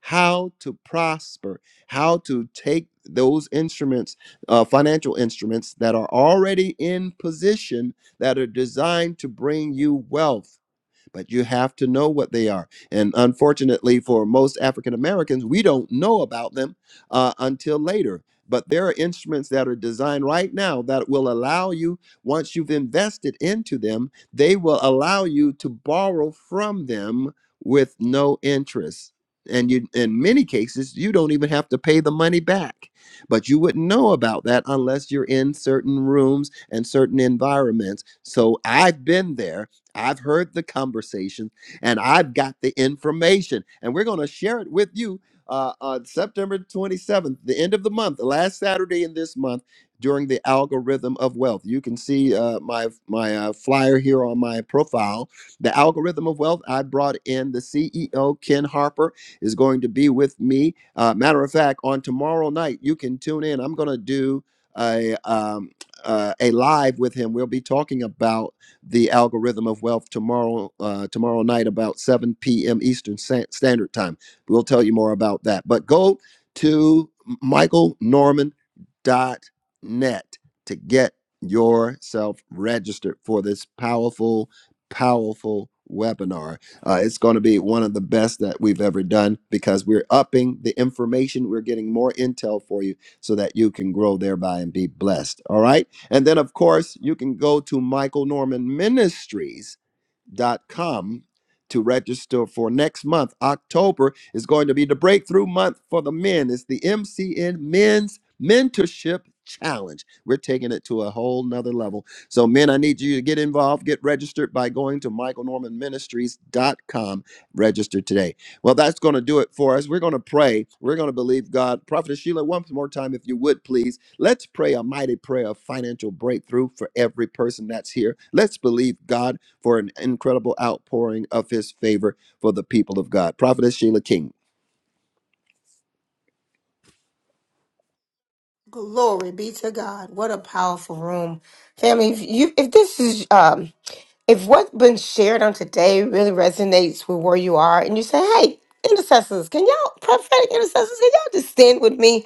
how to prosper, how to take those instruments, uh, financial instruments that are already in position that are designed to bring you wealth but you have to know what they are. And unfortunately, for most African Americans, we don't know about them uh, until later. But there are instruments that are designed right now that will allow you, once you've invested into them, they will allow you to borrow from them with no interest. And you, in many cases, you don't even have to pay the money back. But you wouldn't know about that unless you're in certain rooms and certain environments. So I've been there I've heard the conversation and I've got the information, and we're going to share it with you uh, on September 27th, the end of the month, the last Saturday in this month, during the algorithm of wealth. You can see uh, my my uh, flyer here on my profile. The algorithm of wealth. I brought in the CEO Ken Harper is going to be with me. Uh, matter of fact, on tomorrow night, you can tune in. I'm going to do a um, uh, a live with him. We'll be talking about the algorithm of wealth tomorrow uh, tomorrow night about 7 p.m eastern standard time we'll tell you more about that but go to michael norman dot net to get yourself registered for this powerful powerful webinar uh, it's going to be one of the best that we've ever done because we're upping the information we're getting more intel for you so that you can grow thereby and be blessed all right and then, of course, you can go to michael norman ministries dot com to register for next month. October is going to be the breakthrough month for the men. It's the MCN Men's Mentorship Challenge. We're taking it to a whole nother level. So, men, I need you to get involved, get registered by going to michael norman ministries dot com. Register today. Well, that's going to do it for us. We're going to pray. We're going to believe God. Prophet Sheila, one more time, if you would, please. Let's pray a mighty prayer of financial breakthrough for every person that's here. Let's believe God for an incredible outpouring of his favor for the people of God. Prophet Sheila King. Glory be to God. What a powerful room. Family, if you if this is um if what's been shared on today really resonates with where you are and you say, hey, intercessors, can y'all prophetic intercessors, can y'all just stand with me?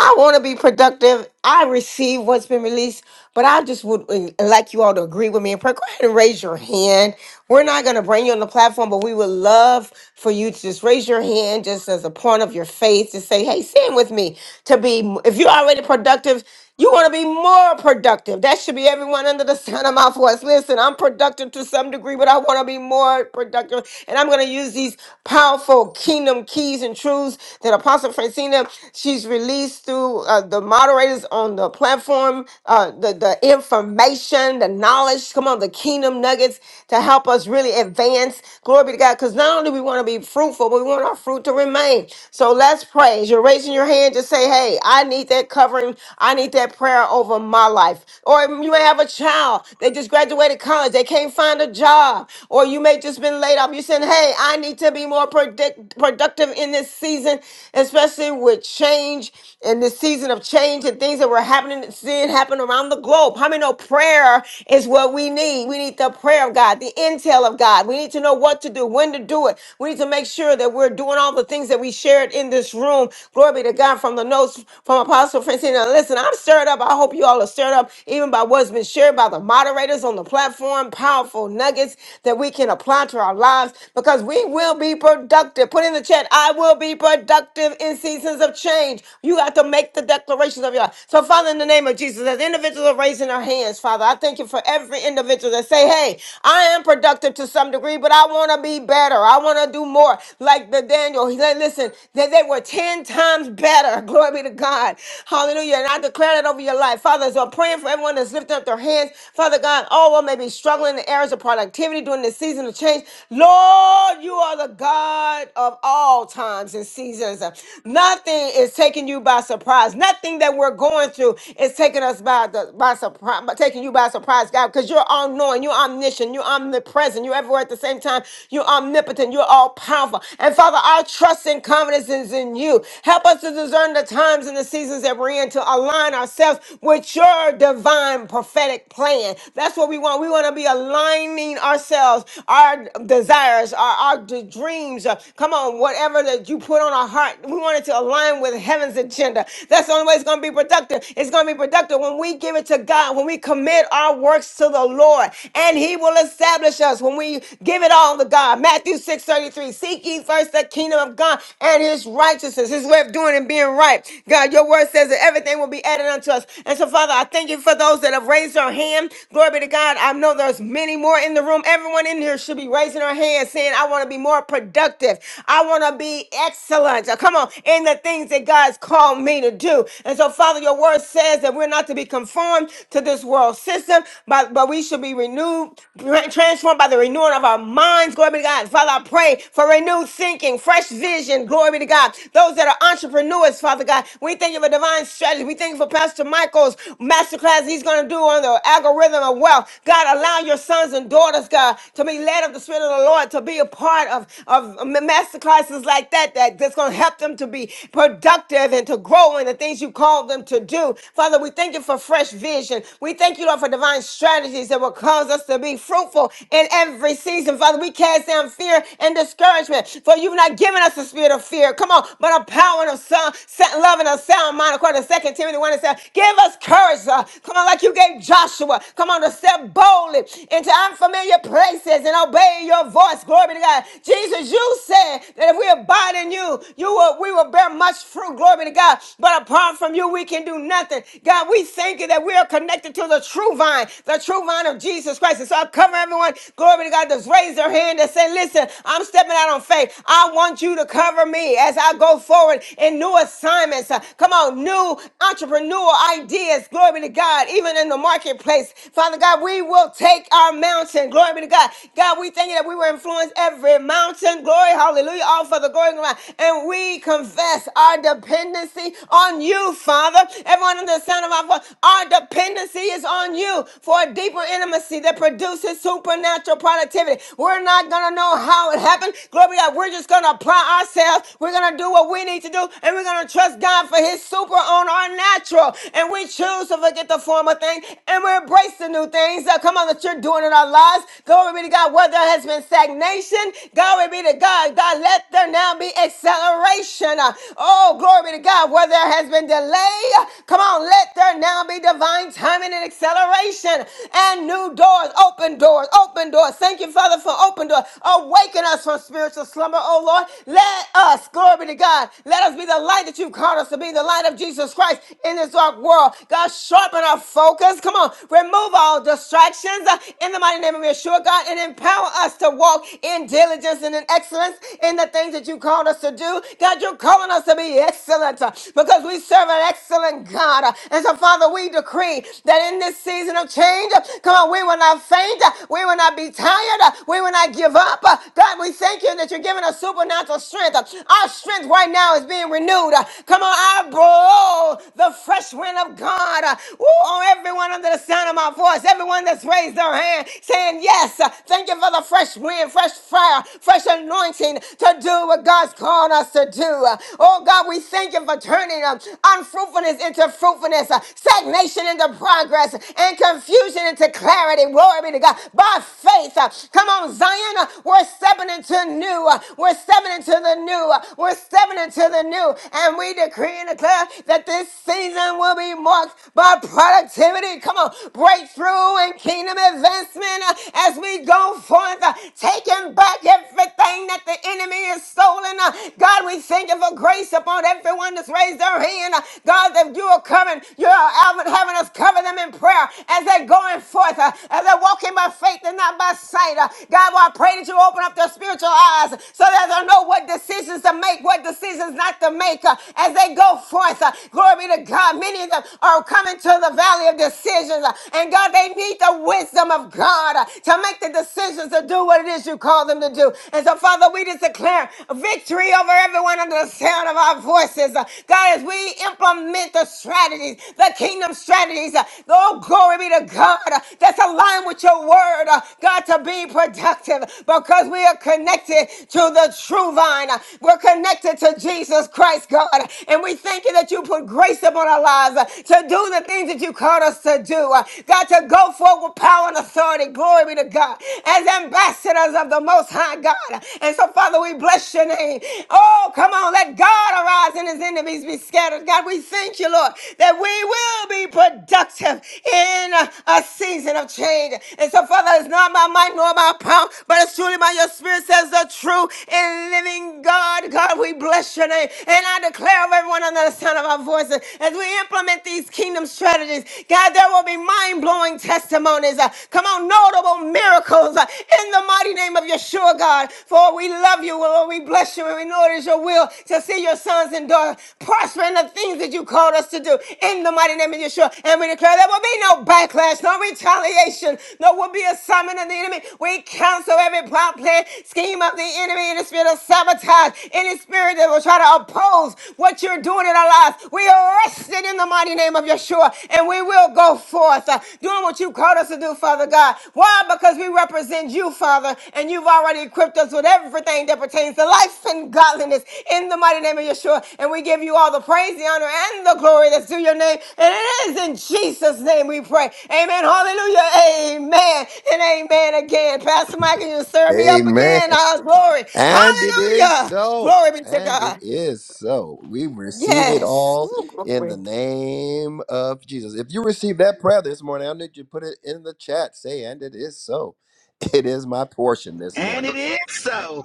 I want to be productive. I receive what's been released, but I just would uh, like you all to agree with me and pray. Go ahead and raise your hand. We're not going to bring you on the platform, but we would love for you to just raise your hand just as a point of your faith to say, hey, stand with me to be, if you're already productive, you want to be more productive. That should be everyone under the sound of my voice. Listen, I'm productive to some degree, but I want to be more productive. And I'm going to use these powerful kingdom keys and truths that Apostle Francina, she's released through uh, the moderators on the platform, uh, the, the information, the knowledge, come on, the kingdom nuggets to help us really advance. Glory be to God. Because not only we want to be fruitful, but we want our fruit to remain. So let's pray. As you're raising your hand, just say, hey, I need that covering. I need that prayer over my life. Or you may have a child, they just graduated college, they can't find a job, or you may just been laid off. You're saying, hey, I need to be more predict- productive in this season, especially with change and this season of change and things that were happening, seeing happen around the globe. How many know prayer is what we need? We need the prayer of God, the intel of God. We need to know what to do, when to do it. We need to make sure that we're doing all the things that we shared in this room. Glory be to God from the notes from Apostle Francine. Listen, I'm stirred up. I hope you all are stirred up, even by what's been shared by the moderators on the platform. Powerful nuggets that we can apply to our lives because we will be productive. Put in the chat, I will be productive in seasons of change. You got to make the declarations of your life. So, Father, in the name of Jesus, as individuals are raising their hands, Father, I thank you for every individual that say, Hey, I am productive to some degree, but I want to be better. I want to do more. Like the Daniel, he said, listen, that they were 10 times better. Glory be to God. Hallelujah. Hallelujah. And I declare that over your life. Father, as I'm praying for everyone that's lifting up their hands, Father God, all one may be struggling in areas of productivity during this season of change. Lord, you are the God of all times and seasons. Nothing is taking you by surprise. Nothing that we're going through is taking us by the by surprise, taking you by surprise, God, because you're all knowing, you're omniscient, you're omnipresent, you're everywhere at the same time, you're omnipotent, you're all powerful. And Father, our trust and confidence is in you. Help us to discern the times and the seasons that we're in in to align ourselves with your divine prophetic plan. That's what we want. We want to be aligning ourselves, our desires, our, our d- dreams. uh, Come on, whatever that you put on our heart, we want it to align with heaven's agenda. That's the only way it's going to be productive. It's going to be productive when we give it to God, when we commit our works to the Lord, and He will establish us when we give it all to God. Matthew six thirty three: 33 Seek ye first the kingdom of God and His righteousness, His way of doing and being right. God, your word says, says that everything will be added unto us. And so, Father, I thank you for those that have raised their hand. Glory be to God. I know there's many more in the room. Everyone in here should be raising their hand saying, I want to be more productive. I want to be excellent. Uh, Come on, in the things that God's called me to do. And so, Father, your word says that we're not to be conformed to this world system, but, but we should be renewed, tra- transformed by the renewing of our minds. Glory be to God. Father, I pray for renewed thinking, fresh vision. Glory be to God. Those that are entrepreneurs, Father God, we thank you for divine divine strategy. We thank you for Pastor Michael's masterclass he's going to do on the algorithm of wealth. God, allow your sons and daughters, God, to be led of the Spirit of the Lord, to be a part of, of masterclasses like that, that that's going to help them to be productive and to grow in the things you called them to do. Father, we thank you for fresh vision. We thank you, Lord, for divine strategies that will cause us to be fruitful in every season. Father, we cast down fear and discouragement, for you've not given us a spirit of fear. Come on, but a power and of sound, love and a sound sound mind, according to Second Timothy 1 and 7. Give us courage, uh, come on, like you gave Joshua. Come on, to step boldly into unfamiliar places and obey your voice. Glory be to God. Jesus, you said that if we abide in you, you will, we will bear much fruit. Glory be to God. But apart from you, we can do nothing. God, we thank you that we are connected to the true vine, the true vine of Jesus Christ. And so I cover everyone. Glory be to God. Just raise their hand and say, listen, I'm stepping out on faith. I want you to cover me as I go forward in new assignments. Uh, Come on, new entrepreneurial ideas. Glory be to God, even in the marketplace. Father God, we will take our mountain. Glory be to God. God, we thank you that we will influence every mountain. Glory, hallelujah, all for the going around. And we confess our dependency on you, Father. Everyone in the sound of our voice, our dependency is on you for a deeper intimacy that produces supernatural productivity. We're not gonna know how it happened. Glory be to God. We're just gonna apply ourselves. We're gonna do what we need to do, and we're gonna trust God God for his super on our natural. And we choose to forget the former thing and we embrace the new things that come on that you're doing in our lives. Glory be to God. Where there has been stagnation, glory be to God. God, let there now be acceleration. Oh, glory be to God. Where there has been delay, come on, let there now be divine timing and acceleration and new doors, open doors, open doors. Thank you, Father, for open doors. Awaken us from spiritual slumber, oh Lord. Let us, glory be to God, let us be the light that you've called called us to be the light of Jesus Christ in this dark world. God, sharpen our focus. Come on, remove all distractions uh, in the mighty name of Yeshua, God, and empower us to walk in diligence and in excellence in the things that you called us to do. God, you're calling us to be excellent uh, because we serve an excellent God. Uh, And so, Father, we decree that in this season of change, uh, come on, we will not faint, uh, we will not be tired, uh, we will not give up. Uh, God, we thank you that you're giving us supernatural strength. Uh, Our strength right now is being renewed. Come on, I blow the fresh wind of God uh, ooh, on everyone under the sound of my voice, everyone that's raised their hand saying, Yes, uh, thank you for the fresh wind, fresh fire, fresh anointing to do what God's called us to do. Uh, Oh God, we thank you for turning um, unfruitfulness into fruitfulness, uh, stagnation into progress, and confusion into clarity. Glory be to God. By faith, uh, come on, Zion, uh, we're stepping into new. uh, We're stepping into the new. uh, We're stepping into the new. And and we decree and declare that this season will be marked by productivity. Come on, breakthrough and kingdom advancement uh, as we go forth, uh, taking back everything that the enemy has stolen. uh. God, we thank you for grace upon everyone that's raised their hand. uh. God, that you are coming, you are having having us cover them in prayer as they're going forth, uh, as they're walking by faith and not by sight. uh. God, well, I pray that you open up their spiritual eyes so that they'll know what decisions to make, what decisions not to make back uh, as they go forth. uh, Glory be to God. Many of them are coming to the valley of decisions. uh, And God, they need the wisdom of God uh, to make the decisions to do what it is you call them to do. And so, Father, we just declare victory over everyone under the sound of our voices. Uh, God, as we implement the strategies, the kingdom strategies, uh, oh, glory be to God, uh, that's aligned with your word, uh, God, to be productive because we are connected to the true vine. Uh, We're connected to Jesus Christ. Christ, God. And we thank you that you put grace upon our lives uh, to do the things that you called us to do. uh, God, to go forward with power and authority. Glory be to God. As ambassadors of the Most High God. And so, Father, we bless your name. Oh, come on. Let God arise and his enemies be scattered. God, we thank you, Lord, that we will be productive in a a season of change. And so, Father, it's not by might nor by power, but it's truly by your spirit says the true and living God. God, we bless your name. And I declare over everyone under the sound of our voices as we implement these kingdom strategies, God, there will be mind blowing testimonies. uh, come on, notable miracles uh, in the mighty name of Yeshua, God. For we love you, Lord. We bless you, and we know it is your will to see your sons and daughters prosper in the things that you called us to do in the mighty name of Yeshua. And we declare there will be no backlash, no retaliation, no will be a summon of the enemy. We cancel every plot, plan, scheme of the enemy, any spirit of sabotage, any spirit that will try to to oppose what you're doing in our lives. We arrest it in the mighty name of Yeshua, and we will go forth uh, doing what you called us to do, Father God. Why? Because we represent you, Father, and you've already equipped us with everything that pertains to life and godliness in the mighty name of Yeshua. And we give you all the praise, the honor, and the glory that's due your name. And it is in Jesus' name we pray. Amen. Hallelujah. Amen. And amen again. Pastor Michael, you stir me up Amen. again. Our glory. And it is Hallelujah. so. Glory be to And it God. is so. We receive it Yes. all Ooh, in glory. the name of Jesus. If you receive that prayer this morning, I need you to put it in the chat. Say, and it is so. It is my portion this And it morning. is so.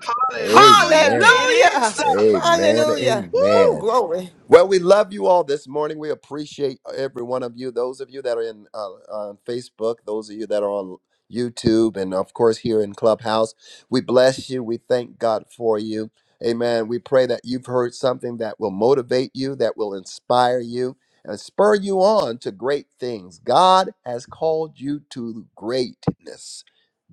Hallelujah. Amen. It is Hallelujah. so. Amen. Hallelujah. Woo! Ooh, Amen. glory. Well, we love you all this morning. We appreciate every one of you. Those of you that are in uh, on Facebook, those of you that are on YouTube, and of course here in Clubhouse, we bless you. We thank God for you. Amen. We pray that you've heard something that will motivate you, that will inspire you, and spur you on to great things. God has called you to greatness.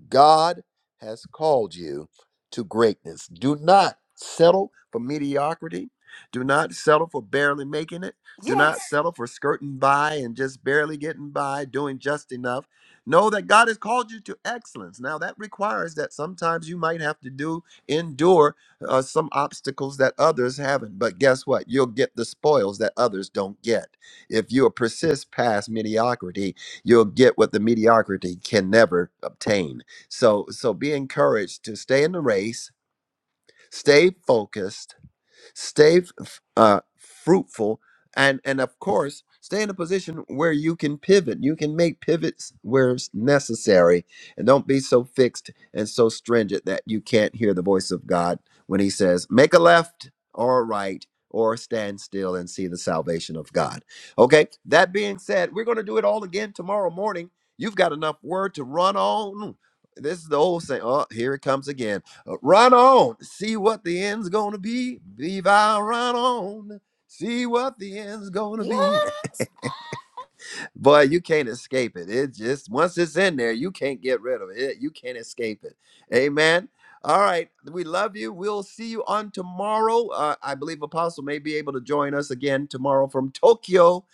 God has called you to greatness. Do not settle for mediocrity. Do not settle for barely making it. Do not Yes. settle for skirting by and just barely getting by, doing just enough. Know that God has called you to excellence. Now, that requires that sometimes you might have to do, endure uh, some obstacles that others haven't. But guess what? You'll get the spoils that others don't get. If you persist past mediocrity, you'll get what the mediocrity can never obtain. So so be encouraged to stay in the race, stay focused, Stay f- uh, fruitful, and and of course, stay in a position where you can pivot. You can make pivots where it's necessary, and don't be so fixed and so stringent that you can't hear the voice of God when He says, "Make a left or a right." Or stand still and see the salvation of God. Okay, that being said, we're going to do it all again tomorrow morning. You've got enough word to run on. This is the old saying. Oh, here it comes again. Uh, Run on, see what the end's gonna be. Viva, run on, see what the end's gonna be. Yes. Boy, you can't escape it. It just once it's in there, you can't get rid of it. You can't escape it. Amen. All right, we love you. We'll see you on tomorrow. Uh, I believe Apostle may be able to join us again tomorrow from Tokyo,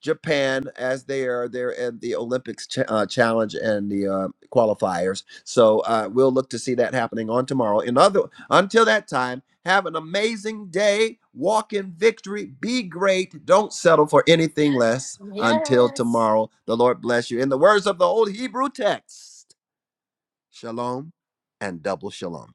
Japan, as they are there at the Olympics ch- uh, challenge and the uh, qualifiers. So uh, we'll look to see that happening on tomorrow. In other, until that time, have an amazing day. Walk in victory. Be great. Don't settle for anything less. Until Yes. tomorrow, the Lord bless you. In the words of the old Hebrew text, shalom and double shalom.